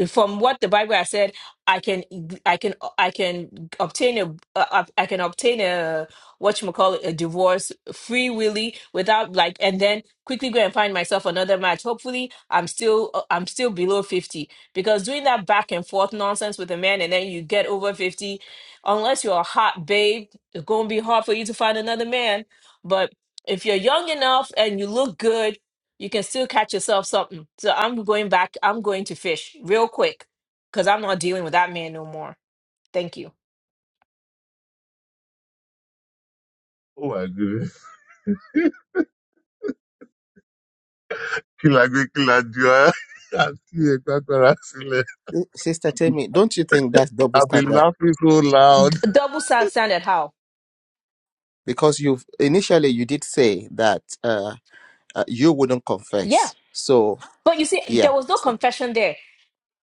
B: from what the Bible has said, I can I can I can obtain a uh, I can obtain a what you call a divorce free willy without like and then quickly go and find myself another match. Hopefully, I'm still uh, I'm still below fifty because doing that back and forth nonsense with a man and then you get over fifty, unless you're a hot babe, it's gonna be hard for you to find another man. But if you're young enough and you look good you can still catch yourself something. So I'm going back. I'm going to fish real quick because I'm not dealing with that man no more. Thank you.
A: Oh my goodness. Kilagwe Kiladua. Auntie Ekwakwara Sule.
C: Uh, Sister Tammy, don't you think that's double
A: I've been
C: standard?
A: laughing so
B: D-
A: loud.
B: double sound sounded how?
C: Because you've initially you did say that uh, uh you wouldn't
B: Yeah.
C: confess. So
B: But you see,
C: yeah,
B: there was no
C: So,
B: confession there.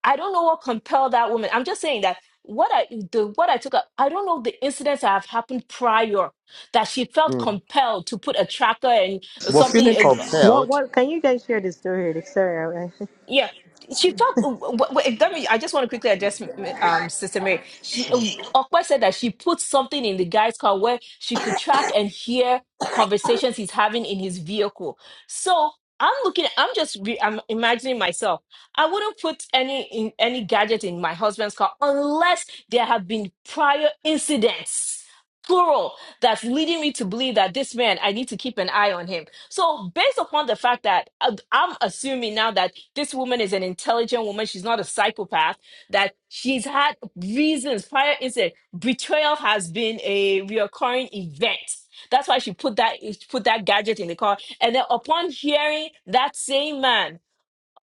B: I don't know what compelled that woman. I'm just saying that what I the what I took up, I don't know the incidents that have happened prior that she felt
C: Mm.
B: compelled to put a tracker and
C: we're feeling
B: something. uh,
D: What,
C: compelled.
D: what, can you guys share the story? Like, Sorry, I, I-
B: Yeah. She talked. Wait, wait, let me. I just want to quickly address um, Sister Mary. She uh,
C: Mm.
B: Okpa said that she put something in the guy's car where she could track and hear conversations he's having in his vehicle. So I'm looking. I'm just. Re, I'm imagining myself. I wouldn't put any in, any gadget in my husband's car unless there have been prior incidents, plural, that's leading me to believe that this man. I need to keep an eye on him. So, based upon the fact that uh, I'm assuming now that this woman is an intelligent woman, she's not a psychopath, that she's had reasons prior incident, betrayal has been a recurring event. That's why she put that put that gadget in the car. And then upon hearing that same man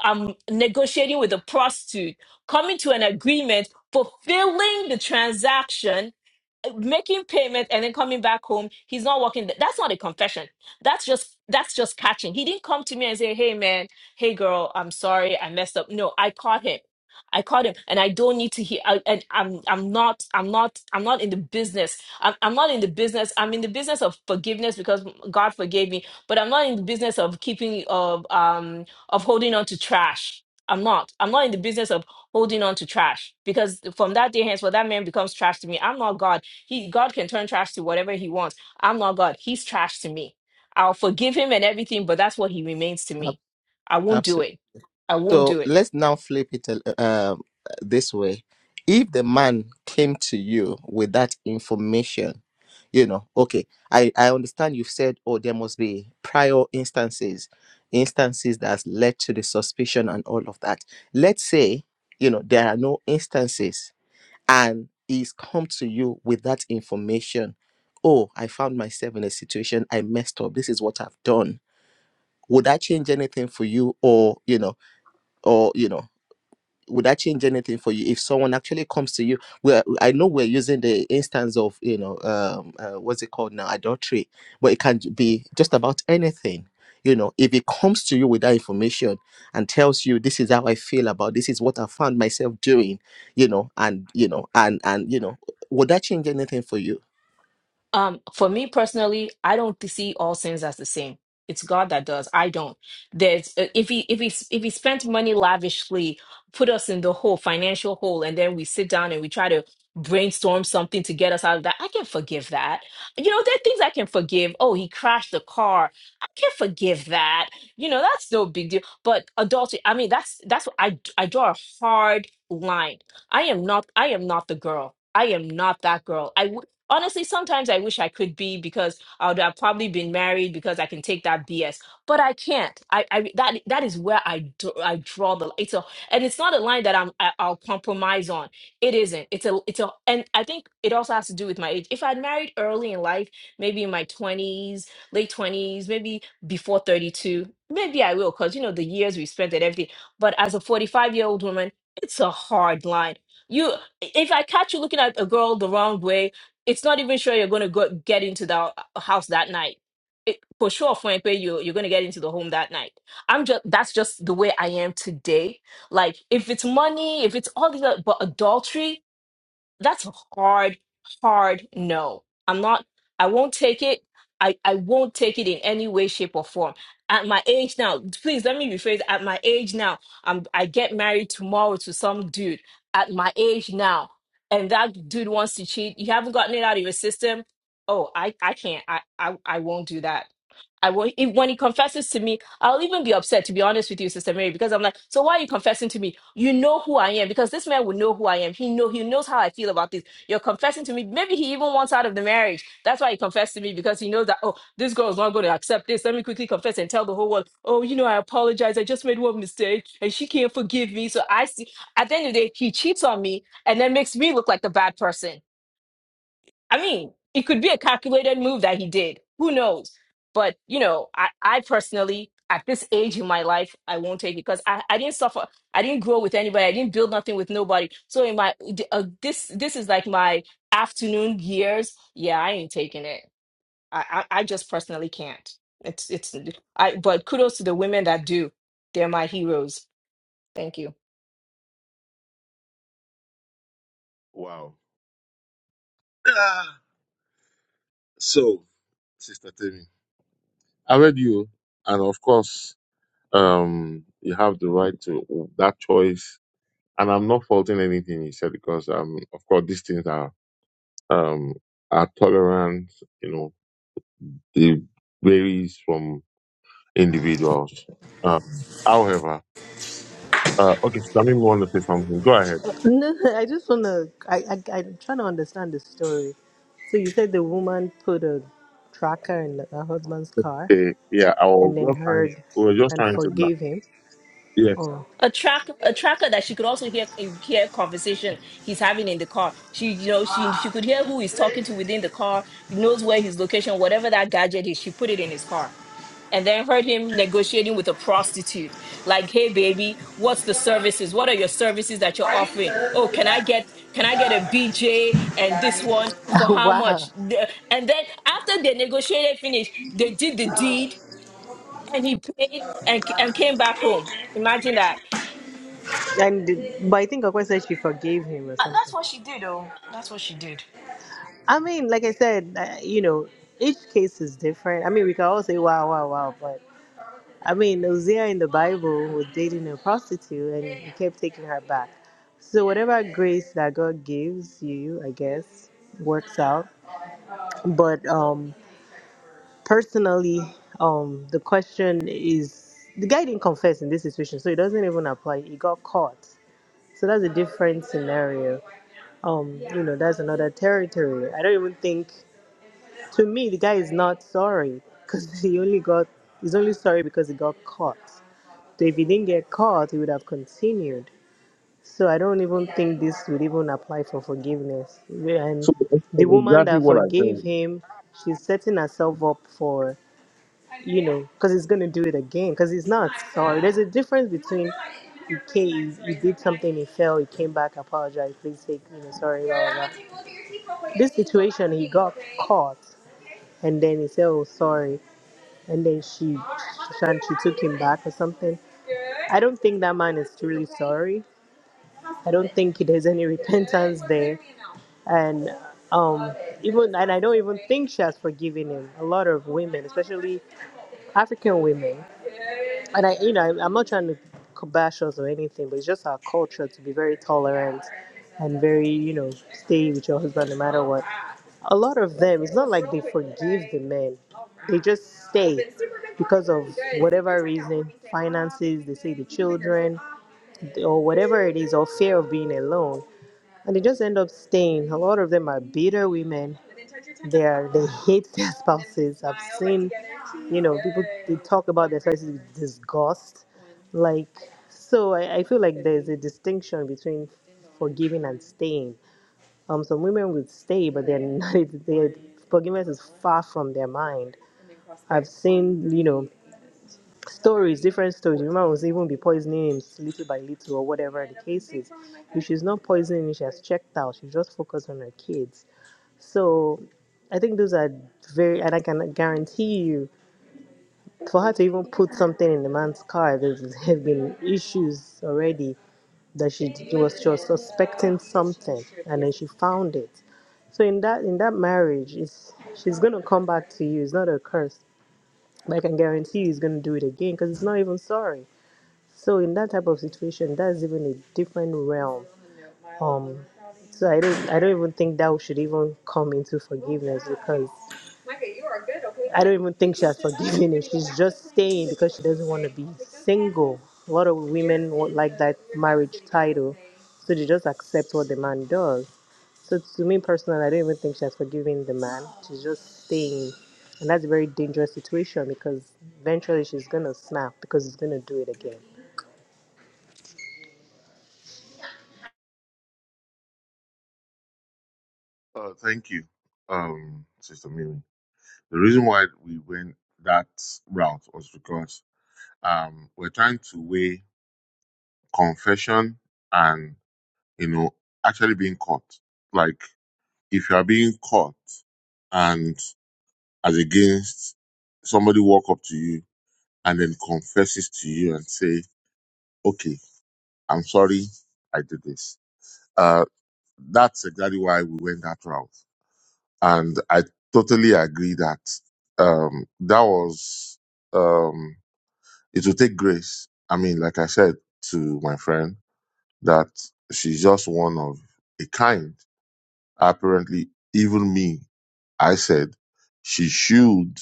B: um negotiating with a prostitute, coming to an agreement, fulfilling the transaction, making payment and then coming back home he's not working th- that's not a confession that's just that's just catching he didn't come to me and say hey man hey girl i'm sorry i messed up no i caught him i caught him and i don't need to hear I, and i'm i'm not i'm not i'm not in the business I'm, I'm not in the business i'm in the business of forgiveness because god forgave me but i'm not in the business of keeping of um of holding on to trash I'm not. I'm not in the business of holding on to trash because from that day henceforth, that man becomes trash to me. I'm not God. He God can turn trash to whatever he wants. I'm not God. He's trash to me. I'll forgive him and everything, but that's what he remains to
C: Ab-
B: me. I won't
C: Absolutely.
B: do it. I won't
C: So
B: do it.
C: let's now flip it a- um, this way. If the man came to you with that information, you know, okay, I, I understand you've said, oh, there must be prior instances, instances that has led to the suspicion and all of that. Let's say, you know, there are no instances and he's come to you with that information. Oh, I found myself in a situation, I messed up. This is what I've done. Would that change anything for you? Or, you know, or you know would that change anything for you if someone actually comes to you well i know we're using the instance of you know um uh, what's it called now adultery but it can be just about anything you know if it comes to you with that information and tells you this is how i feel about this is what i found myself doing you know and you know and and you know would that change anything for you
B: Um, for me personally, I don't see all sins as the same. It's God that does. I don't. There's uh, if he if he if he spent money lavishly, put us in the hole, financial hole, and then we sit down and we try to brainstorm something to get us out of that. I can forgive that. You know, there are things I can forgive. Oh, he crashed the car. I can forgive that. You know, that's no big deal. But adultery, I mean, that's that's what I I draw a hard line. I am not I am not the girl. I am not that girl. I. wouldn't Honestly, sometimes I wish I could be because I would have probably been married because I can take that BS, but I can't. I, I that that is where I do, I draw the it's a and it's not a line that I'm I, I'll compromise on. It isn't. It's a it's a and I think it also has to do with my age. If I'd married early in life, maybe in my twenties, late twenties, maybe before thirty two, maybe I will because you know the years we spent and everything. But as a forty five year old woman, it's a hard line. You if I catch you looking at a girl the wrong way it's not even sure you're going to go get into the house that night. It, for sure, for Mpe, you you're going to get into the home that night. I'm just that's just the way I am today. Like if it's money, if it's all these, other- but adultery, that's a hard hard no i'm not i won't take it i i won't take it in any way shape or form at my age now please let me rephrase at my age now i'm i get married tomorrow to some dude at my age now and that dude wants to cheat you haven't gotten it out of your system oh i i can't i i, I won't do that I will, if, when he confesses to me, I'll even be upset, to be honest with you, Sister Mary, because I'm like, so why are you confessing to me? You know who I am, because this man would know who I am. He know he knows how I feel about this. You're confessing to me. Maybe he even wants out of the marriage. That's why he confessed to me because he knows that oh, this girl is not going to accept this. Let me quickly confess and tell the whole world. Oh, you know, I apologize. I just made one mistake, and she can't forgive me. So I see. At the end of the day, he cheats on me, and then makes me look like the bad person I mean, it could be a calculated move that he did. Who knows? But you know, I, I personally, at this age in my life, I won't take it because I, I didn't suffer. I didn't grow with anybody. I didn't build nothing with nobody. So in my d- uh, this this is like my afternoon years. Yeah, I ain't taking it. I, I I just personally can't. It's it's I. But kudos to the women that do. They're my heroes. Thank you.
A: Wow. Ah. So, Sister Temi, I read you, and of course, um, you have the right to that choice. And I'm not faulting anything you said because, um, of course, these things are um are tolerant. You know, they varies from individuals. Um, however, uh, okay, Samim want to say something. Go ahead.
D: no, I just want to, I, I, I'm trying to understand the story. So you said the woman put a tracker in her husband's car
A: Okay, yeah, I was
D: and then
A: just trying.
D: heard
A: We were just
D: and
A: trying to. na-
D: forgave him.
A: Yes.
D: Oh.
B: a track a tracker that she could also hear hear conversation he's having in the car she you know she she could hear who he's talking to within the car he knows where his location whatever that gadget is she put it in his car and then heard him negotiating with a prostitute like hey baby what's the services what are your services that you're
D: Are you
B: offering
D: good
B: oh
D: for the
B: can i
D: vaccine?
B: get can i get a bj and
D: Yeah, I
B: this
D: need to
B: one
D: report.
B: for
D: Oh,
B: how much
D: wow.
B: The- and then after they negotiated finish they did the deed and he paid and, and came back home imagine that
D: And but I think Okwe said she forgave him or
B: Uh, that's
D: something.
B: what she did, though. That's what she did.
D: I mean, like I said, uh, you know, each case is different. I mean, we can all say wow, wow, wow, but I mean, Hosea in the Bible was dating a prostitute and he kept taking her back. So whatever grace that God gives you, I guess, works out. But um personally, um the question is the guy didn't confess in this situation, so it doesn't even apply. He got caught. So that's a different scenario. Um, you know, that's another territory. I don't even think. To me, the guy is not sorry because he only got. He's only sorry because he got caught. So if he didn't get caught, he would have continued. So I don't even think this would even apply for forgiveness. And
A: So
D: the woman
A: exactly.
D: that forgave him, she's setting herself up for you know, because he's gonna do it again. Because he's not sorry. There's a difference between you came, you did something, he fell, he came back, apologized, please take, you know, sorry, blah, blah, blah. This situation, he got caught, and then he said, oh, sorry, and then she, and she took him back or something. I don't think that man is truly sorry. I don't think there's any repentance there, and um, even and I don't even think she has forgiven him. A lot of women, especially African women, and I, you know, I'm not trying to bash us or anything, but it's just our culture to be very tolerant and very, you know, stay with your husband no matter what. A lot of them, it's not like they forgive the men; they just stay because of whatever reason, finances, they say the children, or whatever it is, or fear of being alone, and they just end up staying. A lot of them are bitter women they are they hate their spouses. I've seen, you know, people they talk about their spouses with disgust. Like so, I, I feel like there's a distinction between forgiving and staying. Um, some women would stay, but they're not. Their forgiveness is far from their mind. I've seen, you know, stories, different stories. Women will even be poisoning him little by little or whatever the case is. If she's not poisoning him, she has checked out. She's just focused on her kids so I think those are very, and I can guarantee you, for her to even put something in the man's car, there have been issues already that she she was just suspecting something, and then she found it. So in that in that marriage, it's she's gonna come back to you. It's not a curse, but I can guarantee you, he's gonna do it again because it's not even sorry. So in that type of situation, that's even a different realm. Um, so I don't I don't even think that should even come into forgiveness because okay? I don't even think she has forgiven him. She's just staying because she doesn't want to be single. A lot of women won't like that marriage title, so they just accept what the man does. So to me personally, I don't even think she has forgiven the man. She's just staying, and that's a very dangerous situation because eventually she's gonna snap because he's gonna do it again.
A: Uh, thank you, um, Sister Mimi. The reason why we went that route was because um, we're trying to weigh confession and you know actually being caught. Like if you are being caught, and as against somebody walk up to you and then confesses to you and say okay, I'm sorry I did this. Uh, that's exactly why we went that route. And I totally agree that, um, that was, um, it will take grace. I mean, like I said to my friend, that she's just one of a kind. Apparently, even me, I said she should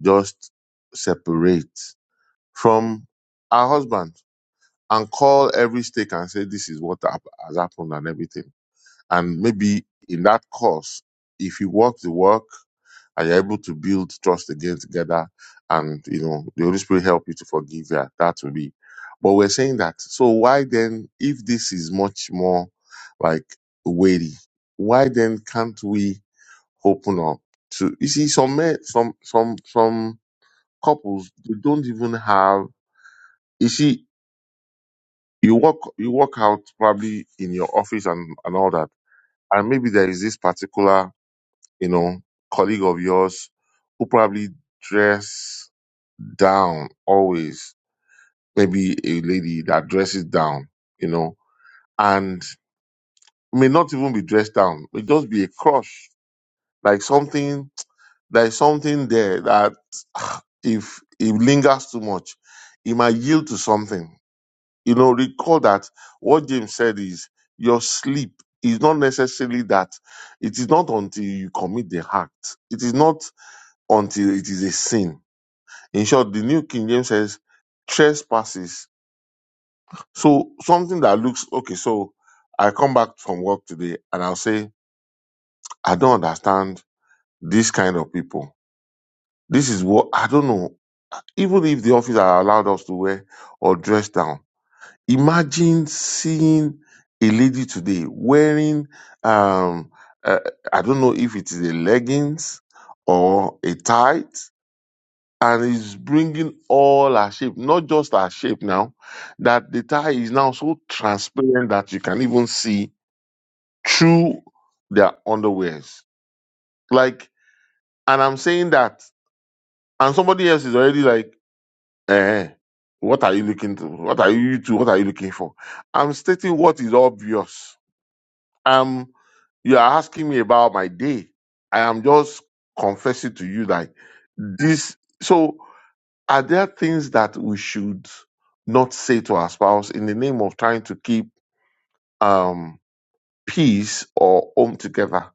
A: just separate from her husband and call every stake and say, this is what hap- has happened and everything And maybe in that course, if you work the work and you're able to build trust again together, and you know the Holy Spirit help you to forgive yeah, that will be. But we're saying that. So why then, if this is much more like weighty, why then can't we open up to? You see, some men, some some some couples, they don't even have. You see, you work you work out probably in your office and and all that, and maybe there is this particular you know, colleague of yours who probably dress down always, maybe a lady that dresses down, you know, and may not even be dressed down, may just be a crush, like something, there's something there that if it lingers too much, it might yield to something. You know, recall that what James said is your sleep is not necessarily that it is not until you commit the act. It is not until it is a sin In short, the New King James says trespasses. So something that looks okay. So I come back from work today and I'll say, I don't understand this kind of people. This is what I don't know. Even if the office are allowed us to wear or dress down, imagine seeing a lady today wearing, um, uh, I don't know if it is a leggings or a tight and is bringing all our shape, not just our shape now, that the tie is now so transparent that you can even see through their underwears. Like, and I'm saying that, and somebody else is already like, eh, what are you looking to? What are you to? What are you looking for? I'm stating what is obvious. Um, you are asking me about my day. I am just confessing to you that this. So Are there things that we should not say to our spouse in the name of trying to keep um, peace or home together?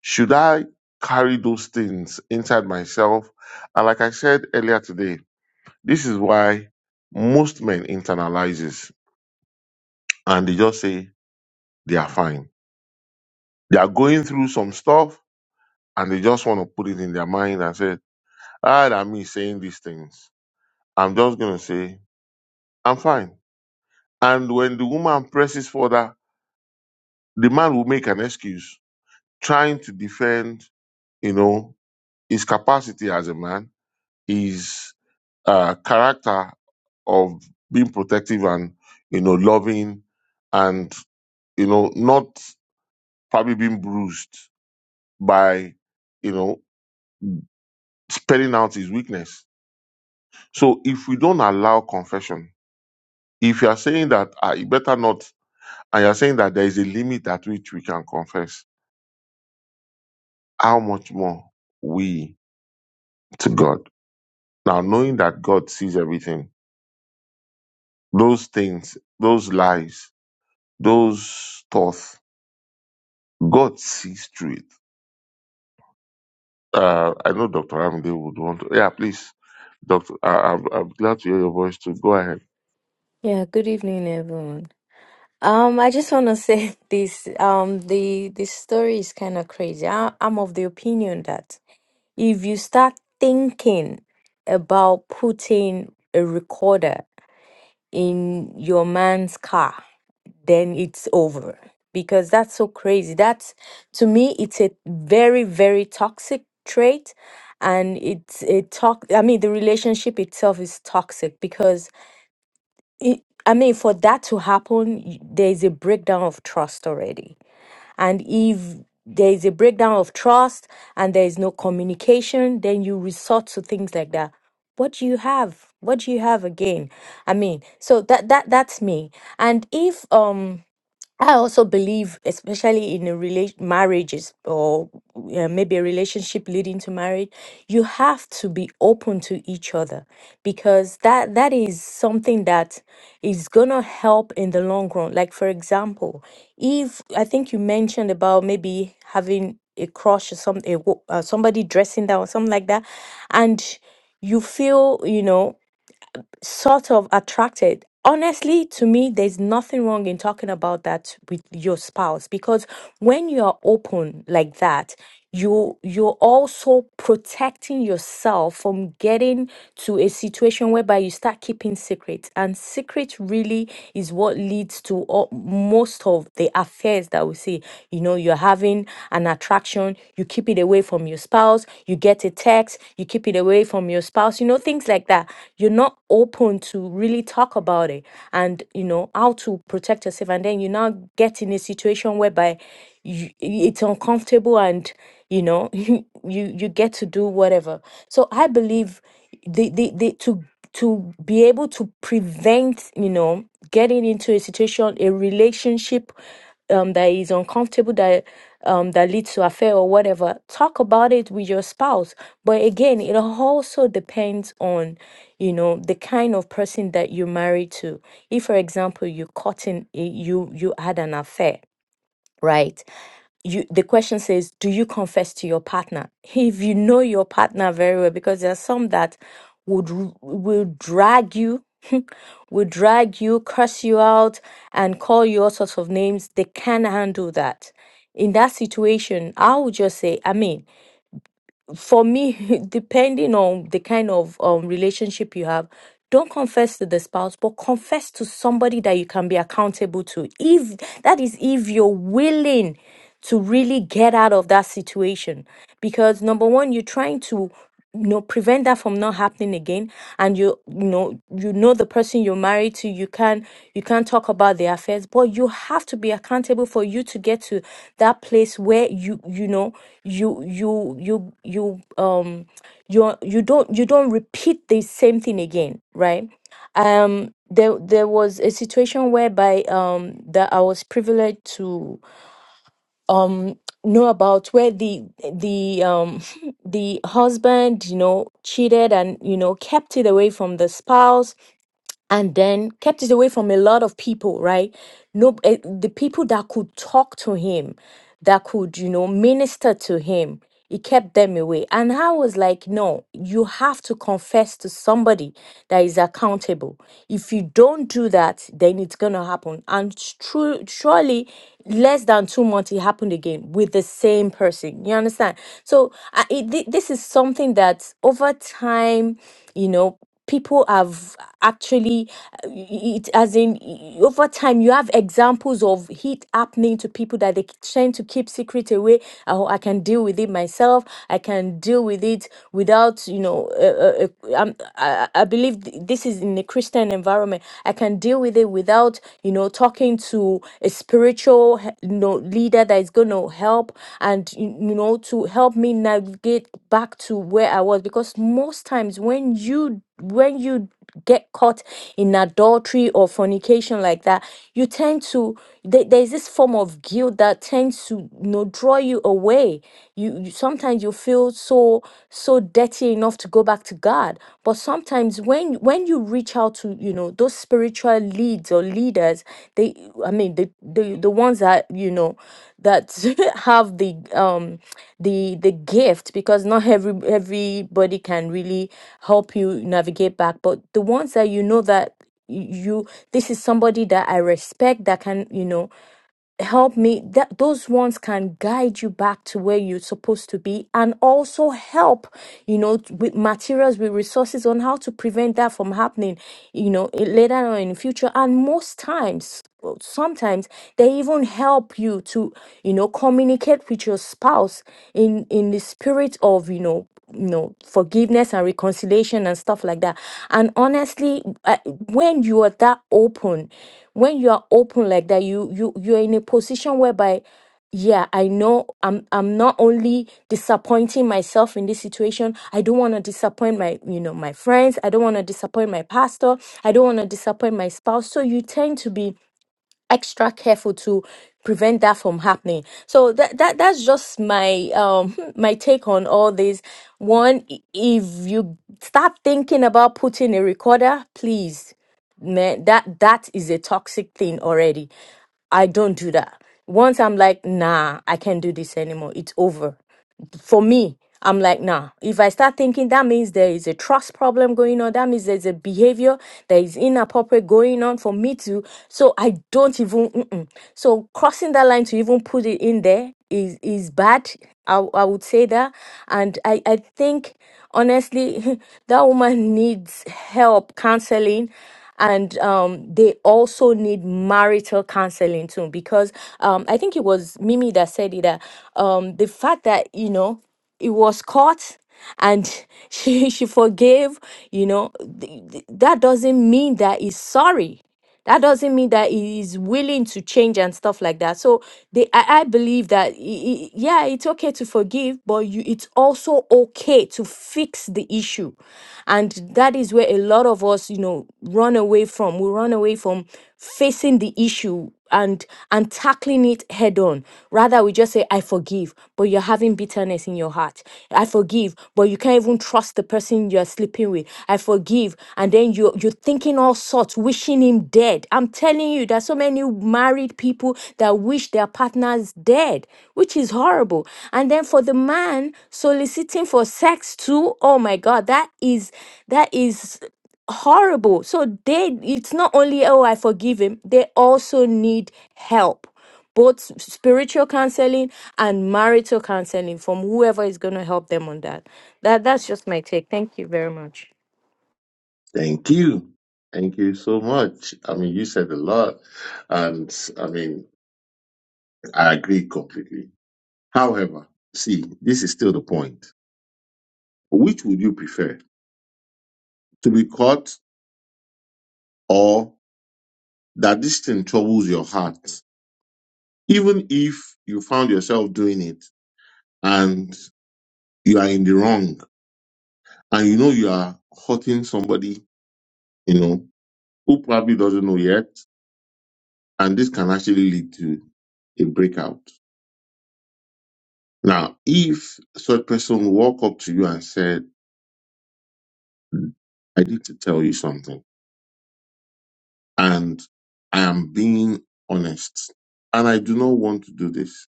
A: Should I carry those things inside myself? And like I said earlier today, this is why most men internalizes and they just say they are fine. They are going through some stuff and they just want to put their mind and say, ah, I'm, I'm, the, I'm fine. And when presses further, the man make an excuse trying to defend you know, his capacity as a man, his uh, character of being protective and, you know, loving and, you know, not probably being bruised by, you know, spelling out his weakness. So if we don't allow confession, if you are saying that I better not, and you're saying that there is a limit at which we can confess, how much more we to God? Now, knowing that God sees everything, those things, those, those thoughts, Godsweet. Uh, I know Dr. Amide would want to. Yeah, please, Doctor. I, I'm, I'm glad to hear your voice too. Go ahead.
E: Yeah, good evening, everyone. Um, I just want to say this. Um, the the story is kind of crazy. I, I'm of the opinion that if you start thinking about putting a recorder in your man's car, then it's over because that's so crazy. That's to me, it's a very, very toxic trait, and it's a talk. I mean, the relationship itself is toxic because it, I mean, for that to happen, y- there's a breakdown of trust already. And if there's a breakdown of trust and there is no communication, then you resort to things like that. What do you have? What do you have again? I mean, so that that that's me. And if um I also believe, especially in a rela- marriages or uh, maybe a relationship leading to marriage, you have to be open to each other because that that is something that is gonna help in the long run. Like for example, if I think you mentioned about maybe having a crush or some a, wo- uh, somebody dressing down or something like that, and you feel you know sort of attracted. Honestly, to me, there's nothing wrong in talking about that with your spouse because when you are open like that, you you're also protecting yourself from getting to a situation whereby you start keeping secrets and secret really is what leads to all, most of the affairs that we see you know know you're having an attraction you keep it away from your spouse you get a text you keep it away from your spouse you know things like that you're not open to really talk about it and you know how to protect yourself and then you now get in a situation whereby you, it's uncomfortable and you know you you get to do whatever so i believe the the, the to to be able to prevent, you know, getting into a situation, a relationship um, that is uncomfortable, that um, that leads to affair or whatever. Talk about it with your spouse. But again, it also depends on, you know, the kind of person that you're married to. If, for example, you caught in you you had an affair, right? you the question says do you confess to your partner if you know your partner very well because there are some that would r- will drag you will drag you curse you out and call you all sorts of names they can handle that in that situation i would just say Amen for me, depending on the kind of um, relationship you have, don't confess to the spouse, but confess to somebody that you can be accountable to. If that is, if you're willing to really get out of that situation, because number one, you're trying to you know prevent that from not happening again and you you know you know the person you're married to you can you can't talk about their affairs but you have to be accountable for you to get to that place where you you know you you you you um you you don't you don't repeat the same thing again right um there there was a situation whereby um that I was privileged to um know about where the the um the husband you know cheated and you know kept it away from the spouse and then kept it away from a lot of people right no eh, the people that could talk to him that could you know minister to him he kept them away and i was like no you have to confess to somebody that is accountable if you don't do that then it's gonna happen and true surely less than two months it happened again with the same person you understand so I, it, thi- this is something that over time you know people have actually uh, it as in over time you have examples of heat happening to people that they tend to keep secret away oh i can deal with it myself i can deal with it without you know uh, uh, uh, um, I, I I believe th- this is in a christian environment i can deal with it without you know talking to a spiritual he- you know leader that is going to help and you you know to help me navigate back to where where I was because most times when you when you get caught in adultery or fornication like that, you tend to there, there's this form of guilt that tends to you know draw you away. You, you sometimes you feel so so dirty enough to go back to God, but sometimes when when you reach out to you know those spiritual leads or leaders, they I mean the the the ones that you know that have the um the the gift because not every everybody can really help you navigate back but the ones that you know that y- you this is somebody that i respect that can you know help me that those ones can guide you back to where you're supposed to be and also help you know t- with materials with resources on how to prevent that from happening you know i- later on in the future and most times well, sometimes they even help you to you know communicate with your spouse in in the spirit of you know you know forgiveness and reconciliation and stuff like that and honestly uh, when you are that open when you are open like that you you you're in a position whereby yeah i know i'm i'm not only disappointing myself in this situation i don't want to disappoint my you know my friends i don't want to disappoint my pastor i don't want to disappoint my spouse so you tend to be extra careful to prevent that from happening so that, that that's just my um my take on all this one i- if you start thinking about putting a recorder please man that that is a toxic thing already i don't do that once i'm like nah i can't do this anymore it's over for me, I'm like, nah. If I start thinking that means there is a trust problem going on, that means there's a behavior that is inappropriate going on for me to. So I don't even. Mm-mm. So crossing that line to even put it in there is is bad. I I would say that, and I I think honestly, that woman needs help counseling and um, they also need marital counseling too because um, i think it was mimi that said it that um, the fact that you know it was caught and she she forgave you know th- th- that doesn't mean that he's sorry that doesn't mean that he is willing to change and stuff like that so they i, I believe that i- i- yeah it's okay to forgive but you it's also okay to fix the issue and that is where a lot of us you know run away from we run away from facing the issue and and tackling it head on rather we just say i forgive but you're having bitterness in your heart i forgive but you can't even trust the person you're sleeping with i forgive and then you you're thinking all sorts wishing him dead i'm telling you there's so many married people that wish their partners dead which is horrible and then for the man soliciting for sex too oh my god that is that is horrible. So they it's not only oh I forgive him, they also need help. Both spiritual counseling and marital counseling from whoever is going to help them on that. That that's just my take. Thank you very much.
A: Thank you. Thank you so much. I mean, you said a lot, and I mean, I agree completely. However, see, this is still the point. Which would you prefer? To be caught or that this thing troubles your heart? Even if you found yourself doing it and you are in the wrong and you know you are hurting somebody, you know. who probably doesn't know yet, and this can actually lead to a breakout. Now, if such person walk up to you and said, "Hmm, I need to tell you something, and I am being honest, and I do not want to do this.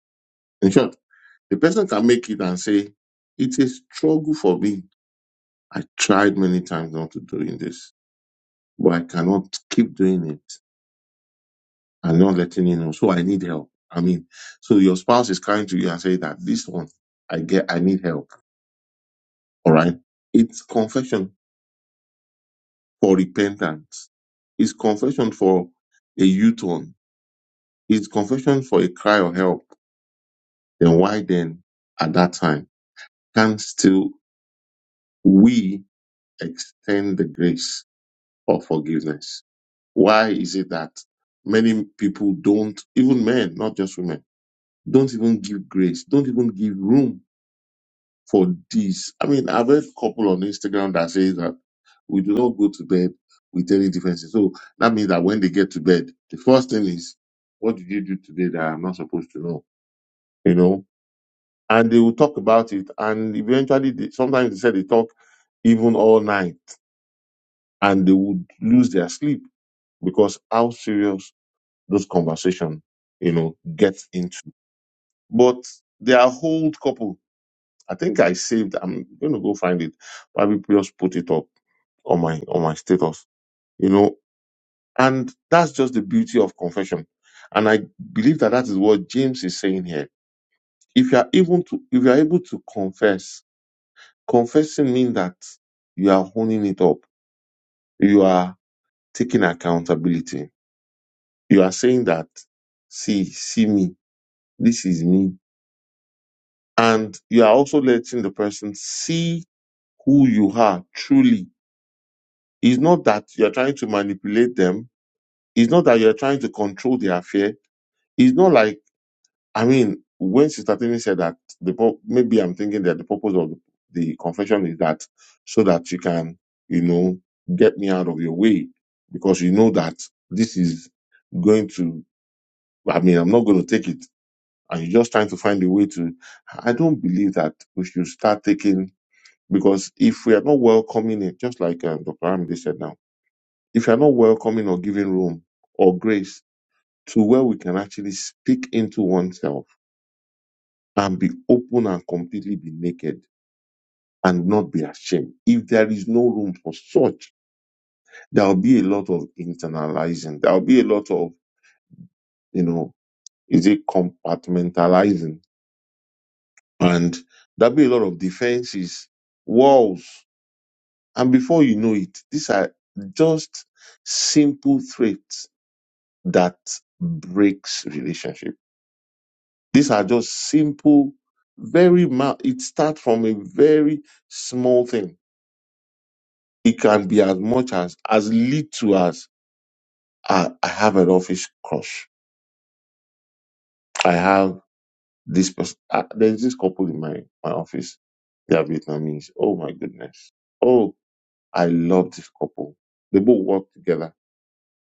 A: In short, the person can make it and say, It's a struggle for me. I tried many times not to doing this, but I cannot keep doing it. I'm not letting you know. So I need help. I mean, so your spouse is coming to you and say that this one, I get, I need help. All right. It's confession for repentance. It's confession for a U-turn. It's confession for a cry of help. Then why then at that time can still we extend the grace of forgiveness? Why is it that many people don't, even men, not just women, don't even give grace, don't even give room for this. I mean, I've heard couple on Instagram that say that we do not go to bed with any differences. So that means that when they get to bed, the first thing is, what did you do today that I'm not supposed to know? You know, and they will talk about it, and eventually, they, sometimes they say they talk even all night, and they would lose their sleep because how serious those conversation, you know, gets into. But they are old couple. I think I saved. I'm going to go find it. Probably just put it up on my on my status you know and that's just the beauty of confession and i believe that that is what james is saying here if you are able to if you are able to confess confessing means that you are honing it up you are taking accountability you are saying that see see me this is me and you are also letting the person see who you are truly it's not that you are trying to manipulate them it's not that you are trying to control their fear it's not like I mean, when Sister Tini said that the pur- maybe I'm thinking that the purpose of the confession is that so that you can, you know, get me out of your way because you know that this is going to. I mean, I'm not going to take it, and you're just trying to find a way to. I don't believe that we should start taking because if we are not welcoming it, just like um, Dr. Amide said now, if you are not welcoming or giving room or grace to where we can actually speak into oneself and be open and completely be naked and not be ashamed. If there is no room for such, there'll be a lot of internalizing. There'll be a lot of, you know, is it compartmentalizing? And there'll be a lot of defenses, walls. And before you know it, these are just simple traits that breaks relationship. These are just simple, very, ma- it starts from a very small thing It can be as much as as little as I, I have an office crush. I have this person. Uh, there's this couple in my my office. They are Vietnamese. Oh my goodness. Oh, I love this couple. They both work together,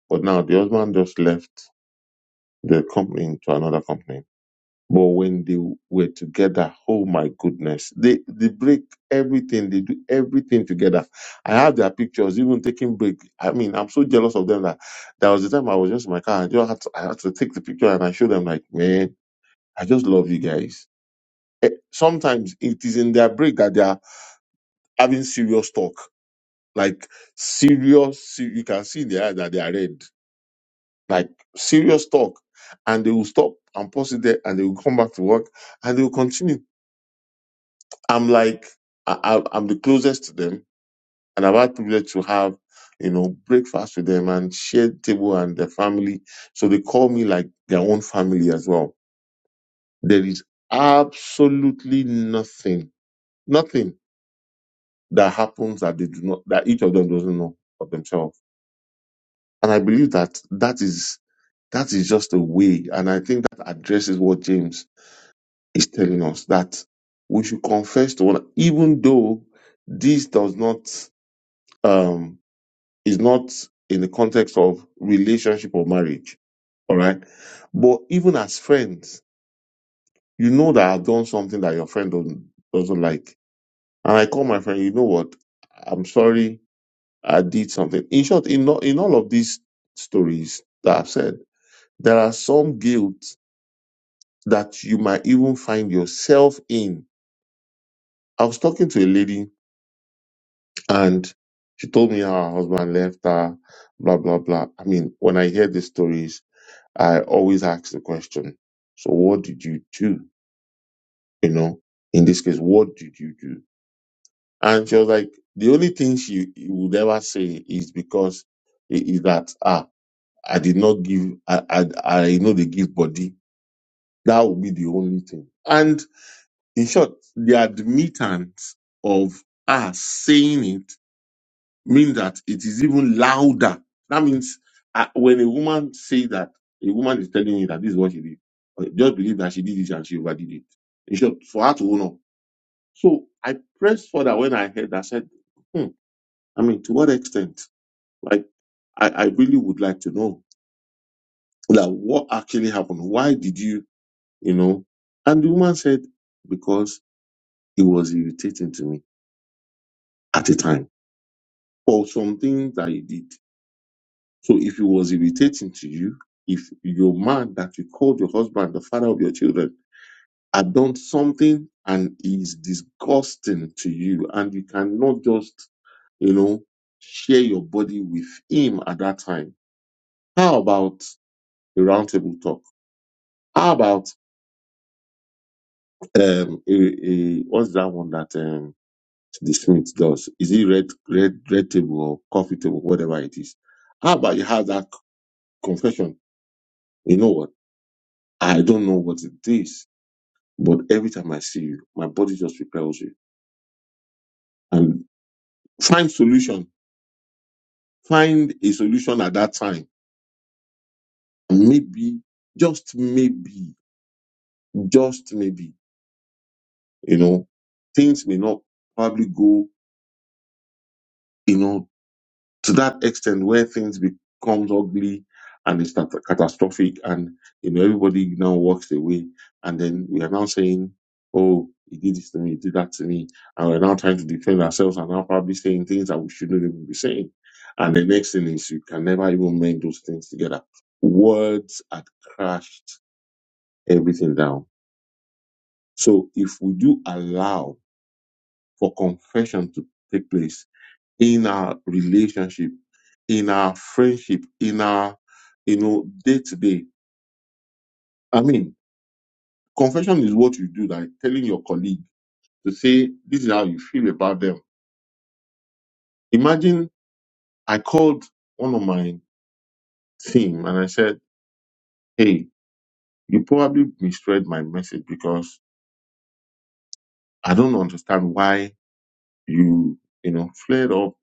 A: but now the husband just left the company to another company But when they were together, oh my goodness, they, they break everything. They do everything together. I have their pictures, even taking break. I mean, I'm so jealous of them that there was the time I was just in my car. I just had to, I had to take the picture and I showed them like, man, I just love you guys. Eh, Sometimes it is in their break that they are having serious talk, like serious. se- You can see in their eye that they are red, like serious talk, and they will stop and pause it there, and they will come back to work and they will continue I'm like, I, I- I'm the closest to them, and I've had privilege to have, you know, breakfast with them and share table and their family. So they call me like their own family as well. There is absolutely nothing, nothing that happens that they do not, that each of them doesn't know of themselves. And I believe that that is, that is just a way. And I think that addresses what James is telling us that we should confess to one, even though this does not, um, is not in the context of relationship or marriage. All right. But even as friends, you know that I've done something that your friend don't, doesn't like. And I call my friend, you know what? I'm sorry. I did something. In short, in, all- in all of these stories that I've said, there are some guilt that you might even find yourself in. I was talking to a lady and she told me how her husband left her, blah, blah, blah. I mean, when I hear these stories, I always ask the question, so what did you do? You know, in this case, what did you do? And she was like, the only thing she would ever say is because i- is that ah, I did not give, I, I, I know they give body. That would be the only thing. And in short, the admittance of us saying it mean that it is even louder. That means uh, when a woman say that, a woman is telling me that this is what she did. uh, Just believe that she did it and she overdid it. In short, for her to own up. So I pressed for that when I heard that. I said, hmm, I mean, to what extent? Like, I, I really would like to know that what actually happened. Why did you, you know? And the woman said, because it was irritating to me at the time for some things that he did. So if it was irritating to you, if your man that you called your husband the father of your children had done something and is disgusting to you, and you cannot just, you know, share your body with him at that time, how about a roundtable talk? How about um a, a what's that one that um the Smith does? Is it red red red table or coffee table, whatever it is? How about you have that confession? You know what? I don't know what it is But every time I see you, my body just repels you. And find solution. Find a solution at that time. Maybe, just maybe, just maybe, you know, things may not probably go, you know, to that extent where things becomes ugly and it's cat- catastrophic and you know everybody now walks away and then we are now saying oh he did this to me he did that to me and we're now trying to defend ourselves and now probably saying things that we shouldn't even be saying and the next thing is you can never even mend those things together words had crashed everything down so if we do allow for confession to take place in our relationship, in our friendship, in our, you know, day to day. I mean, confession is what you do, like telling your colleague to say, this is how you feel about them. Imagine I called one of my team and I said, hey, you probably misread my message because I don't understand why you, you know, flared up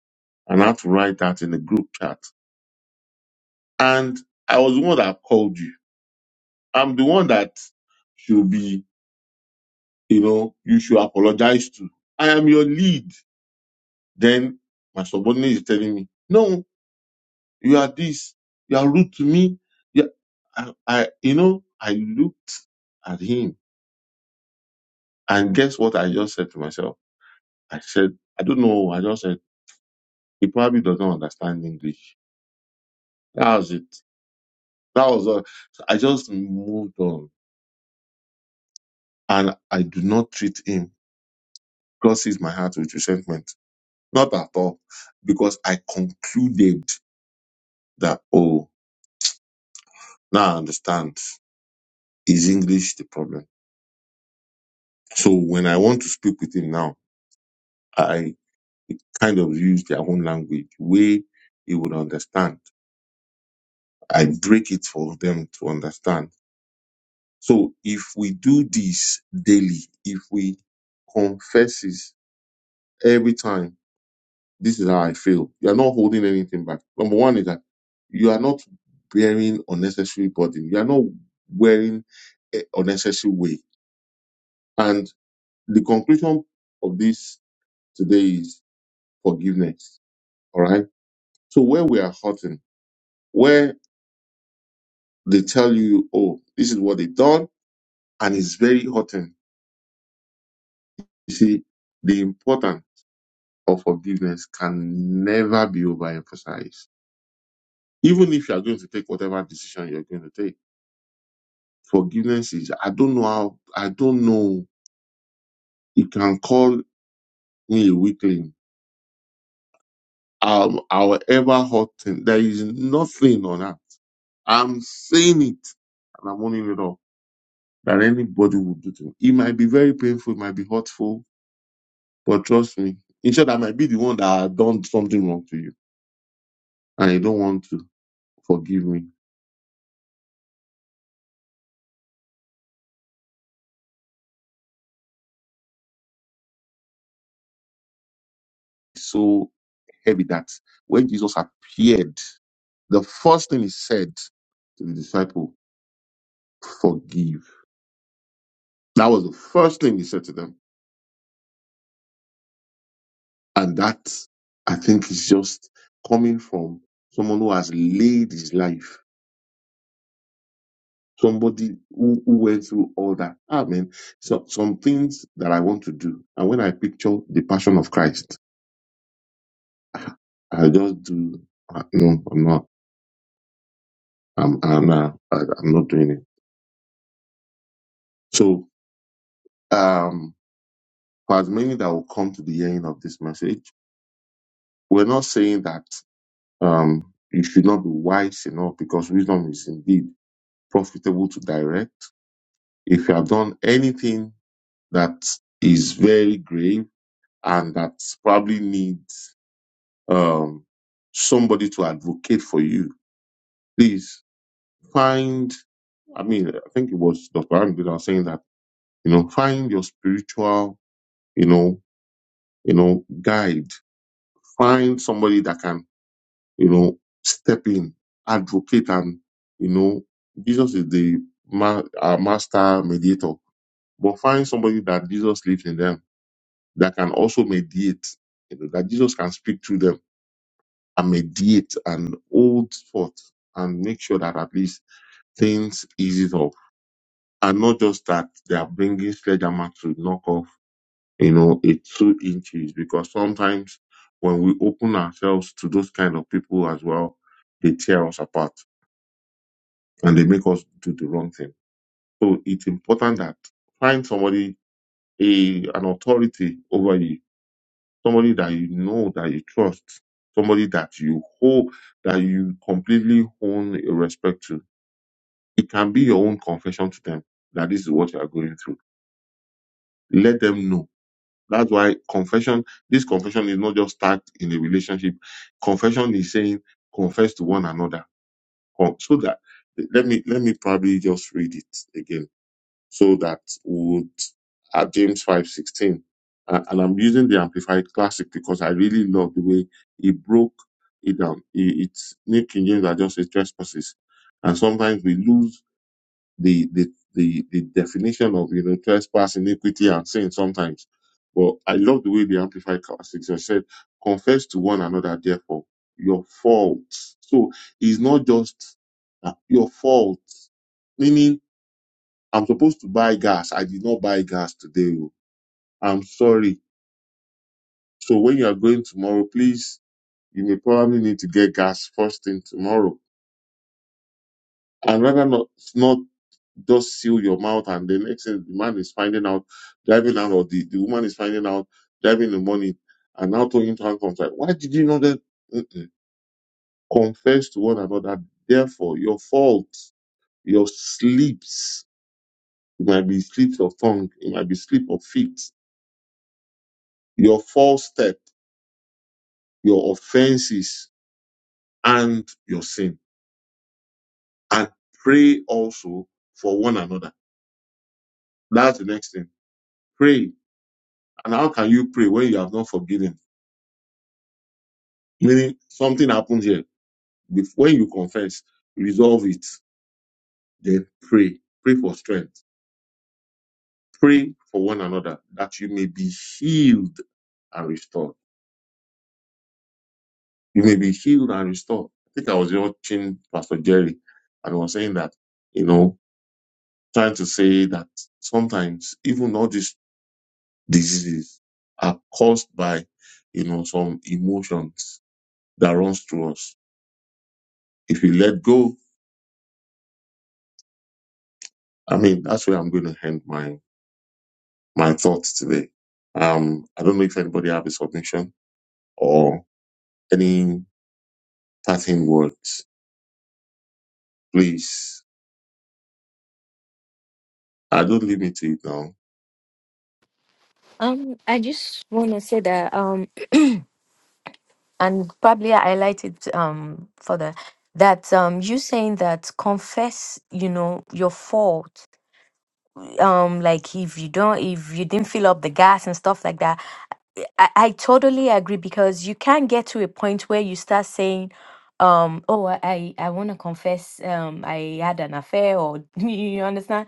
A: and had to write that in the group chat. And I was the one that called you. I'm the one that should be you know, you should apologize to. I am your lead. Then my subordinate is telling me, no, you are this, you are rude to me. You, I, I, you know, I looked at him and guess what I just said to myself? I said, I don't know. I just said, he probably doesn't understand English. That was it. That was all. So I just moved on and I do not treat him. God sees my heart with resentment. Not at all. Because I concluded that, oh, Now I understand. Is English the problem? So when I want to speak with him now, I kind of use their own language, way he would understand. I break it for them to understand. So if we do this daily, if we confess this every time, this is how I feel. You are not holding anything back. Number one is that you are not bearing unnecessary burden. You are not wearing a unnecessary weight. And the conclusion of this Today is forgiveness. All right. So where we are hurting, where they tell you, oh, this is what they done, and it's very hurting. You see, the importance of forgiveness can never be overemphasized. Even if you are going to take whatever decision you're going to take, forgiveness is, I don't know how, I don't know. You can call me a weakling. Um, however hurting, there is nothing on that. I'm saying it and I'm owning it up. that anybody would do to me. It might be very painful, it might be hurtful, but trust me. In short, I might be the one that had done something wrong to you and you don't want to forgive me. It's so heavy that when Jesus appeared, the first thing he said to the disciple, forgive. That was the first thing he said to them. And that I think is just coming from someone who has laid his life somebody who, who went through all that. I mean, so, some things that I want to do. And when I picture the passion of Christ, I just do, uh, no, I'm not, I'm, I'm not, I- I'm not doing it. So, um, for as many that will come to the hearing of this message, we're not saying that, um, you should not be wise enough because wisdom is indeed profitable to direct. If you have done anything that is very grave and that probably needs, um, somebody to advocate for you. Please find, I mean, I think it was Dr. Andy that was saying that, you know, find your spiritual, you know, you know, guide. Find somebody that can, you know, step in, advocate and, you know, Jesus is the ma- our master mediator, but find somebody that Jesus lives in them that can also mediate, you know, that Jesus can speak to them and mediate and hold forth and make sure that at least things eases up And not just that, they are bringing sledgehammer to knock off, you know, a two inches because sometimes when we are as well, they tear us apart and they make us do the wrong thing. So and that find somebody a an authority over you, somebody that you know that you trust, somebody that you hold that you completely own a respect to. It can be your own confession to them that this is what you are going through. Let them know That's why confession, this confession is not just start in a relationship. Confession is saying confess to one another. Con- So that let me let me probably just read it again so that would at James five sixteen, uh, and I'm using the Amplified Classic because I really love the way he broke it down. He, it's New King James are just a trespasses, and sometimes we lose the the the, the definition of you know trespass, iniquity, and sin sometimes but I love the way the Amplified Classics I said, confess to one another, therefore, your faults. So it's not just uh, your faults. meaning I'm supposed to buy gas. I did not buy gas today. oh. I'm sorry. So when you are going tomorrow, please, you may probably need to get gas first thing tomorrow I'd rather not not just seal your mouth and the next thing the man is finding out driving out or the, the woman is finding out driving in the morning and now throwing tantrums like why did you not then Mm-mm. confess to one another therefore your fault your slips it might be slips of tongue it might be slip of feet your false step your offenses and your sin and pray also for one another that's the next thing pray And how can you pray when you have not forgiven? Meaning something happened here. Bef- When you confess, resolve it, then pray. Pray for strength. Pray for one another that you may be healed and restored. You may be healed and restored. I think I was watching Pastor Jerry and was saying that, you know, trying to say that sometimes even all these diseases are caused by, you know, some emotions that runs through us. If you let go I mean, that's where I'm going to end my my thoughts today. Um, I don't know if anybody have a submission or any parting words. Please, I don't leave me to it now.
E: Um, I just want to say that um, and probably I highlighted um further that um you saying that confess you know your fault um like if you don't if you didn't fill up the gas and stuff like that I, I totally agree because you can get to a point where you start saying, um, oh, I, I want to confess um I had an affair or you understand?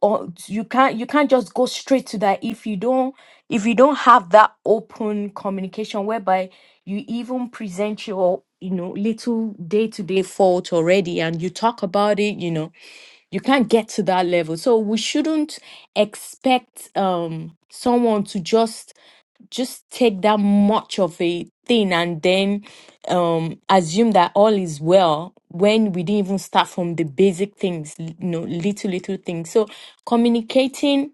E: Or you can't you can't just go straight to that if you don't if you don't have that open communication whereby you even present your you know little day-to-day fault already and you talk about it, you know you can't get to that level so we shouldn't expect um someone to just just take that much of a thing and then um assume that all is well when we didn't even start from the basic things you know little little things so communicating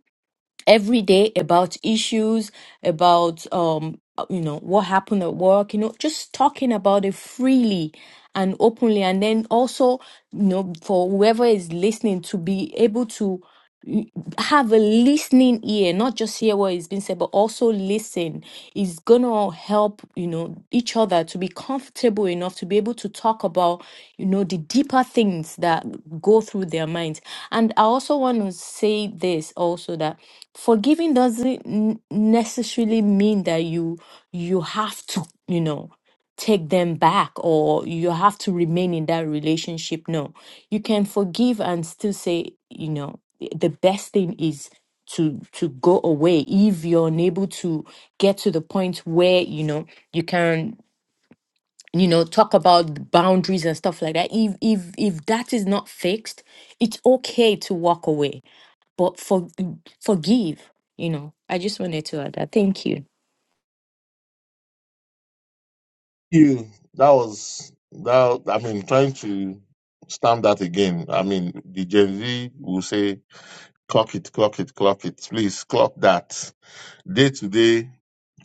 E: every day about issues about um uh, you know what happened at work you know just talking about it freely and openly and then also you know for whoever is listening to be able to y- have a listening ear, not just hear what is being said, but also listen, is gonna help, you know, each other to be comfortable enough to be able to talk about, you know, the deeper things that go through their minds. And I also want to say this also that forgiving doesn't n- necessarily mean that you you have to, you know take them back or you have to remain in that relationship. No, you can forgive and still say, you know, the best thing is to to go away if you're unable to get to the point where you know you can you know talk about boundaries and stuff like that if if if that is not fixed it's okay to walk away but for forgive you know i just wanted to add that thank you
A: You, that was that. I mean, trying to stamp that again. I mean, the Gen Z will say, "Clock it, clock it, clock it." Please, clock that day to day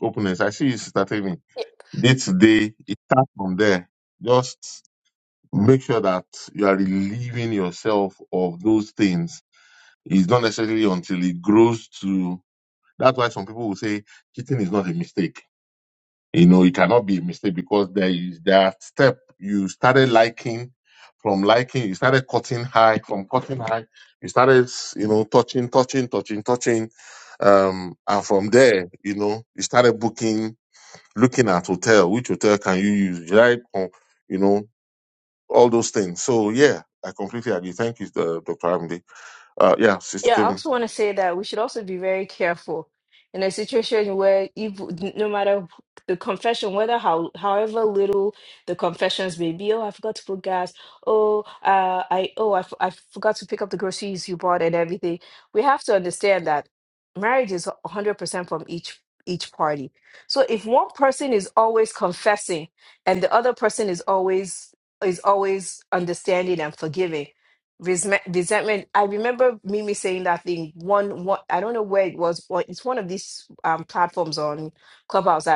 A: openness. I see you starting me day to day. It starts from there. Just make sure that you are relieving yourself of those things. It's not necessarily until it grows to. That's why some people will say cheating is not a mistake. You know, it cannot be a mistake because there is that step you started liking. From liking, you started cutting high. From cutting high, you started, you know, touching, touching, touching, touching. Um, and from there, you know, you started booking, looking at hotel. Which hotel can you use? Should I, con- you know, all those things. So yeah, I completely agree. Thank you, uh, Dr. Amdi. Uh, yeah, Sister
B: Yeah, I
A: Timmy.
B: also want to say that we should also be very careful in a situation where evil, no matter the confession, whether how however little the confessions may be, oh, I forgot to put gas, oh, uh, I oh, I, f- I forgot to pick up the groceries you bought and everything. We have to understand that marriage is 100% from each each party. So if one person is always confessing and the other person is always is always understanding and forgiving resentment, resentment. I remember Mimi saying that thing one, one I don't know where it was, but it's one of these um platforms on Clubhouse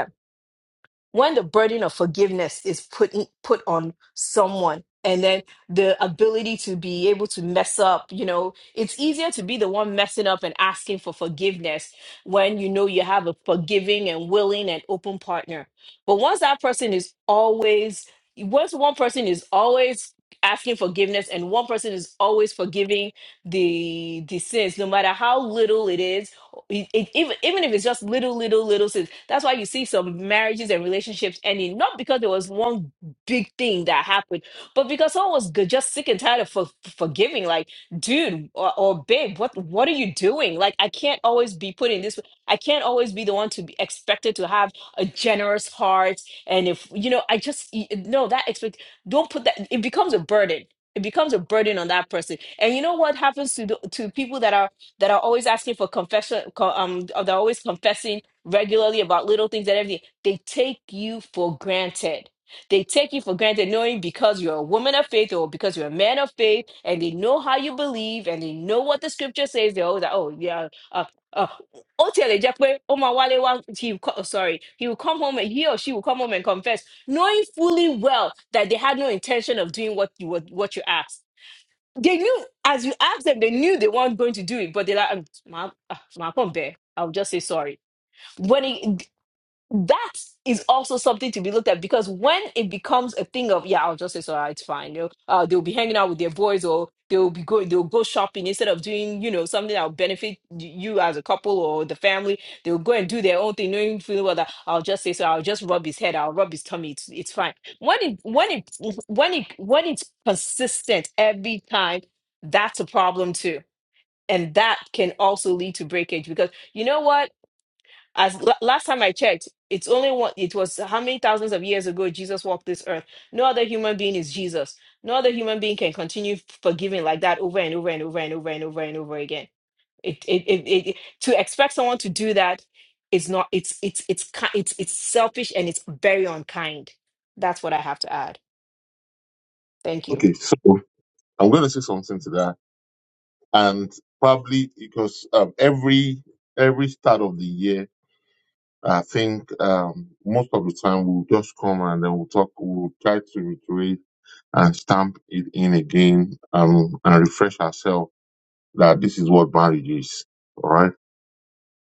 B: when the burden of forgiveness is put in- put on someone and then the ability to be able to mess up you know it's easier to be the one messing up and asking for forgiveness when you know you have a forgiving and willing and open partner but once that person is always once one person is always asking forgiveness and one person is always forgiving the the sins no matter how little it is it, it, even even if it's just little, little, little things. That's why you see some marriages and relationships ending, not because there was one big thing that happened, but because someone was good, just sick and tired of for, forgiving. Like, dude or, or babe, what what are you doing? Like, I can't always be put in this. I can't always be the one to be expected to have a generous heart. And if you know, I just y- no that expect. Don't put that. It becomes a burden. It becomes a burden on that person. And you know what happens to the, to people that are that are always asking for confession, co- um, they're always confessing regularly about little things and everything. They take you for granted. They take you for granted, knowing because you're a woman of faith or because you're a man of faith, and they know how you believe and they know what the scripture says. They're always like, oh, yeah, uh, uh, ó tiẹ̀ lè jẹ́ pé ó máa wálé wá- he will co- oh, sorry, he will come home and he or she will come home and confess, knowing fully well that they had no intention of doing what you what, what you asked they knew, as you asked them, they knew they weren't going to do it, but they're like, "Mm, ma, ah, my, come there. I'll just say sorry. When it, that is also something to be looked at because when it becomes a thing of yeah i'll just say so ah, it's fine you know, uh, they'll be hanging out with their boys or they'll be going they'll go shopping instead of doing you know something that'll benefit y- you as a couple or the family they'll go and do their own thing knowing feeling well that i'll just say so i'll just rub his head i'll rub his tummy it's, it's fine when it when it when it when it's consistent every time that's a problem too and that can also lead to breakage because you know what as la- last time I checked, it's only one. It was how many thousands of years ago Jesus walked this earth. No other human being is Jesus. No other human being can continue forgiving like that over and over and over and over and over and over again. It, it, it, it, it- to expect someone to do that is not. It's it's it's ki- it's it's selfish and it's very unkind. That's what I have to add. Thank you.
A: Okay, so I'm going to say something to that, and probably because um, every every start of the year, I think um, most of the time we'll just come and then we'll talk, we'll try to reiterate and stamp it in again um, and refresh ourselves that this is what marriage is. All right.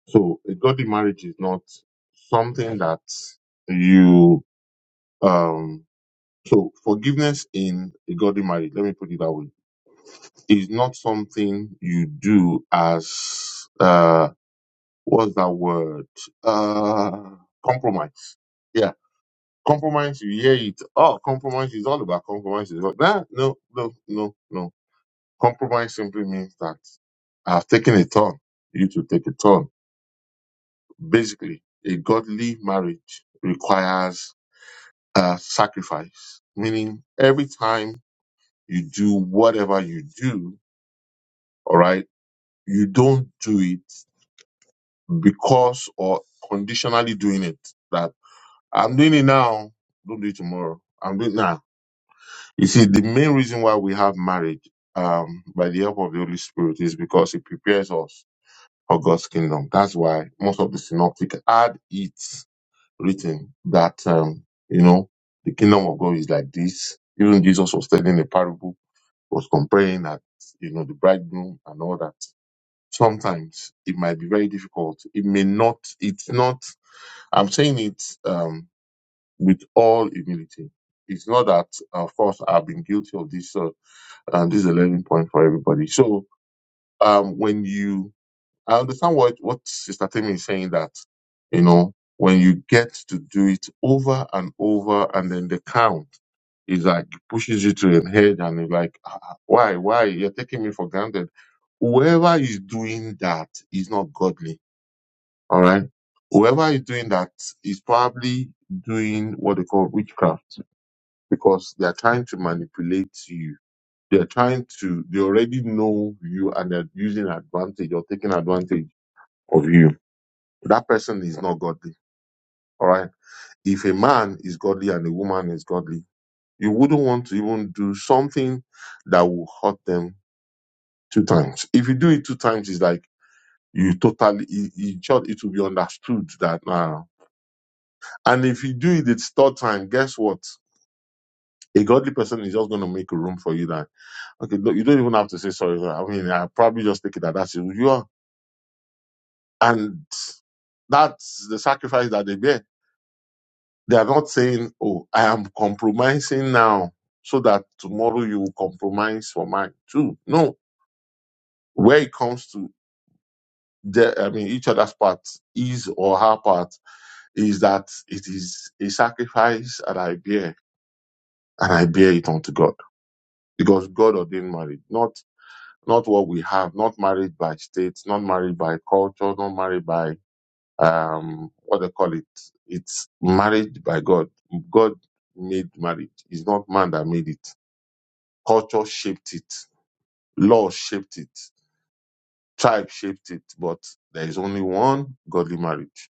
A: So a godly marriage is not something that you um So forgiveness in a godly marriage, let me put it that way, is not something you do as uh what's that word? Uh compromise. Yeah. Compromise, you hear it. Oh, compromise is all about compromise. Is all, nah, no, no, no, no. Compromise simply means that I've taken a turn. You to take a turn. Basically, a godly marriage requires a sacrifice, meaning every time you do whatever you do, all right, you don't do it because or conditionally doing it that I'm doing it now, don't do it tomorrow. I'm doing it now. You see, the main reason why we have marriage um, by the help of the Holy Spirit is because it prepares us for God's kingdom. That's why most of the synoptic had it written that, um, you know, the kingdom of God is like this. Even Jesus was telling a parable, was comparing that, you know, the bridegroom and all that. sometimes it might be very difficult. It may not, it's not, I'm saying it um, with all humility. It's not that, of course, I've been guilty of this, uh, and this is a learning point for everybody. So, um, when you, I understand what, what Sister Temi is saying that, you know, when you get to do it over and over and then the count is like pushes you to your head and you're like, why, why? You're taking me for granted. Whoever is doing that is not godly. All right Whoever is doing that is probably doing what they call witchcraft because they are trying to manipulate you. They're trying to, they already know you and they're using advantage or taking advantage of you. That person is not godly. All right. If a man is godly and a woman is godly, you wouldn't want to even do something that will hurt them two times. If you do it two times, it's like you totally, it, it, it will be understood that now. and if you do it the third time, guess what? A godly person is just going to make room for you that, okay, look, you don't even have to say sorry. I mean, I probably just take it that that's who you are. And that's the sacrifice that they bear. They are not saying, oh, I am compromising now so that tomorrow you will compromise for mine too. No, where it comes to the, I mean, each other's part is or her part is that it is a sacrifice that I bear and I bear it unto God because God ordained marriage, not not what we have, not married by state, not married by culture, not married by um what they call it. It's married by God. God made marriage. It's not man that made it. Culture shaped it, law shaped it, tribe shaped it, but there is only one godly marriage.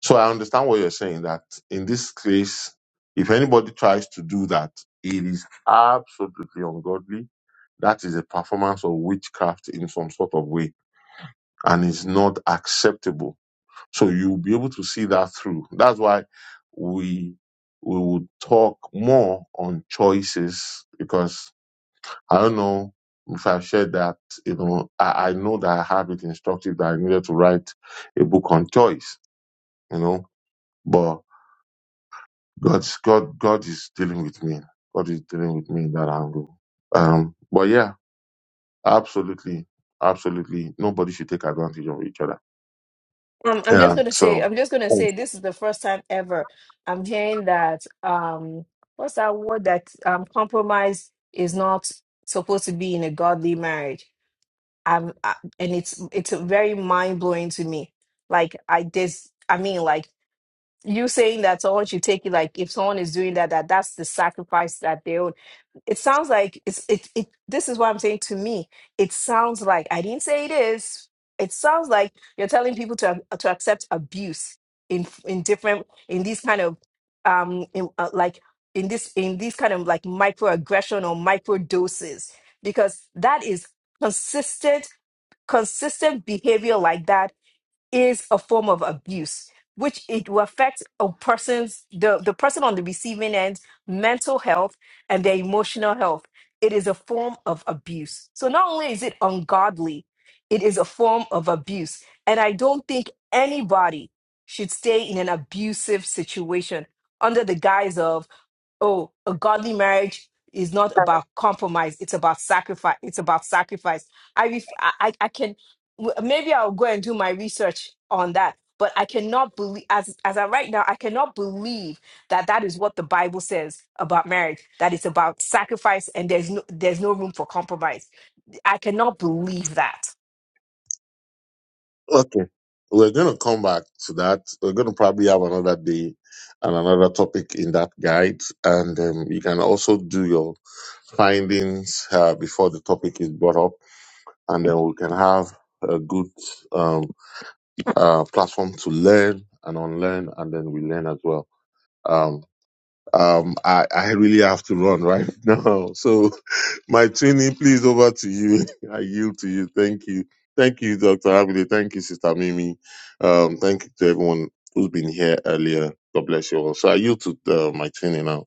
A: So I understand what you're saying that in this case, if anybody tries to do that, it is absolutely ungodly. That is a performance of witchcraft in some sort of way and it's not acceptable. So you'll be able to see that through. That's why we we will talk more on choices because I don't know if I've shared that, you know, I, I know that I have it instructed that I needed to write a book on choice, you know, but God's God God is dealing with me. God is dealing with me in that angle. Um but yeah, absolutely, absolutely nobody should take advantage of each other.
B: Um, I'm just
A: Yeah.
B: gonna say,
A: So
B: I'm just gonna say, this is the first time ever I'm hearing that. Um, what's that word that um, compromise is not supposed to be in a godly marriage? Um, I, and it's it's very mind blowing to me. Like I this, I mean, like you saying that someone should take it. Like if someone is doing that, that that's the sacrifice that they it sounds like it's it, it this is what i'm saying to me it sounds like i didn't say it is it sounds like you're telling people to ac- to accept abuse in in different in these kind of um in, uh, like in this in these kind of like microaggression or micro doses because that is consistent consistent behavior like that is a form of abuse, which it will affect a person's the, the person on the receiving end mental health and their emotional health. It is a form of abuse. So not only is it ungodly, it is a form of abuse. And I don't think anybody should stay in an abusive situation under the guise of oh, a godly marriage is not about compromise. It's about sacrifice. It's about sacrifice. I, ref- I, I I can, w- maybe I'll go and do my research on that. But I cannot believe, as as I right now, I cannot believe that that is what the Bible says about marriage. That it's about sacrifice, and there's no there's no room for compromise. I cannot believe that.
A: Okay. We're going to come back to that. We're going to probably have another day and another topic in that guide. And um, you can also do your findings uh, before the topic is brought up. And then we can have a good um, uh, platform to learn and unlearn. And then we learn as well. Um, um, I, I really have to run right now. So my Trini, please over to you. I yield to you. Thank you. Thank you, Dr. Abide. Thank you, Sister Mimi. Um, thank you to everyone who's been here earlier. God bless you all. So I yield to uh, my Trini now.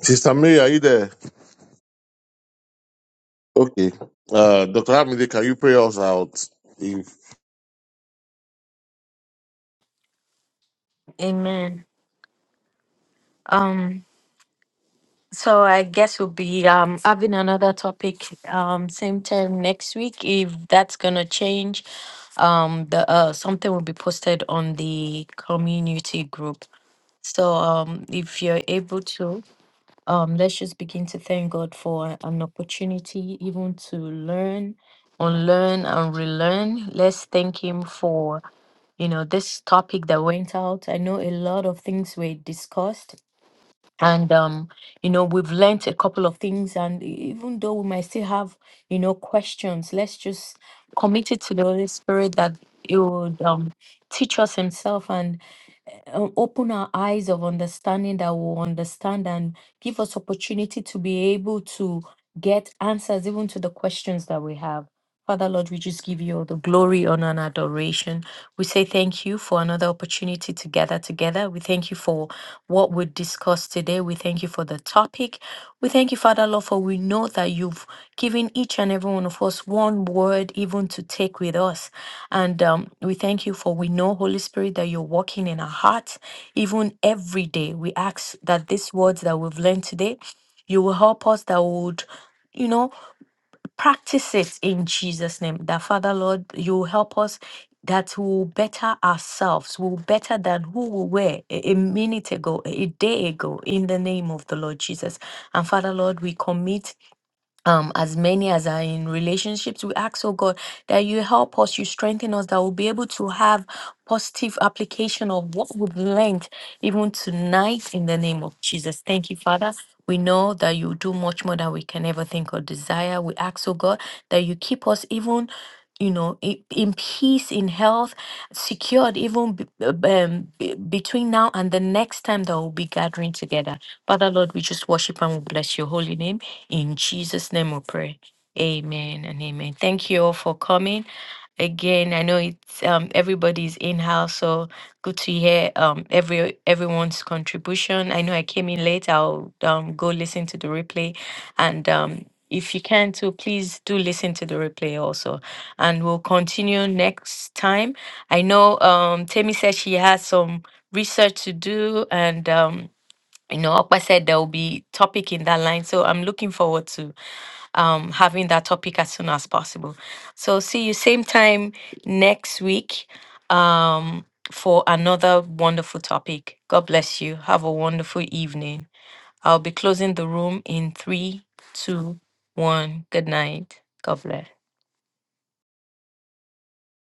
A: Sister Mary, are you there? Okay. Uh, Dr. Abide, can you pray us out?
E: amen So I guess we'll be um having another topic um same time next week if that's gonna change. Um the uh something will be posted on the community group. So um if you're able to um let's just begin to thank God for an opportunity even to learn, unlearn and relearn. Let's thank him for you know this topic that went out. I know a lot of things were discussed and um you know we've learnt a couple of things and e- even though we might still have you know questions let's just commit it to the holy spirit that it would um teach us himself and uh, open our eyes of understanding that will understand and give us opportunity to be able to get answers even to the questions that we have. Father Lord, we just give you all the glory, honor, and adoration. We say thank you for another opportunity to gather together. We thank you for what we discussed today. We thank you for the topic. We thank you, Father Lord, for we know that you've given each and every one of us one word even to take with us. And um, we thank you for we know, Holy Spirit, that you're working in our hearts, even every day. We ask that these words that we've learned today, you will help us that we would, you know, practice it in Jesus' name. That Father, Lord, you will help us that we will better ourselves, we will better than who we were a a minute ago, a day ago, in the name of the Lord Jesus. And Father, Lord, we commit um, as many as are in relationships, we ask, oh God, that you help us, you strengthen us, that we'll be able to have positive application of what we've learned even tonight in the name of Jesus. Thank you, Father. We know that you do much more than we can ever think or desire. We ask, oh God, that you keep us even. You know, i- in peace, in health, secured even b- um, b- between now and the next time that we'll be gathering together. Father, Lord, we just worship and we bless your holy name. In Jesus' name we pray. Amen and amen. Thank you all for coming. Again, I know it's um everybody's in-house, so good to hear um every everyone's contribution. I know I came in late. I'll um go listen to the replay. And um if you can too, please do listen to the replay also. And we'll continue next time. I know um Temi said she has some research to do and um you know, Okpa said there will be topic in that line. So I'm looking forward to um, having that topic as soon as possible. So see you same time next week um, for another wonderful topic. God bless you. Have a wonderful evening. I'll be closing the room in three, two, one. Good night. God bless.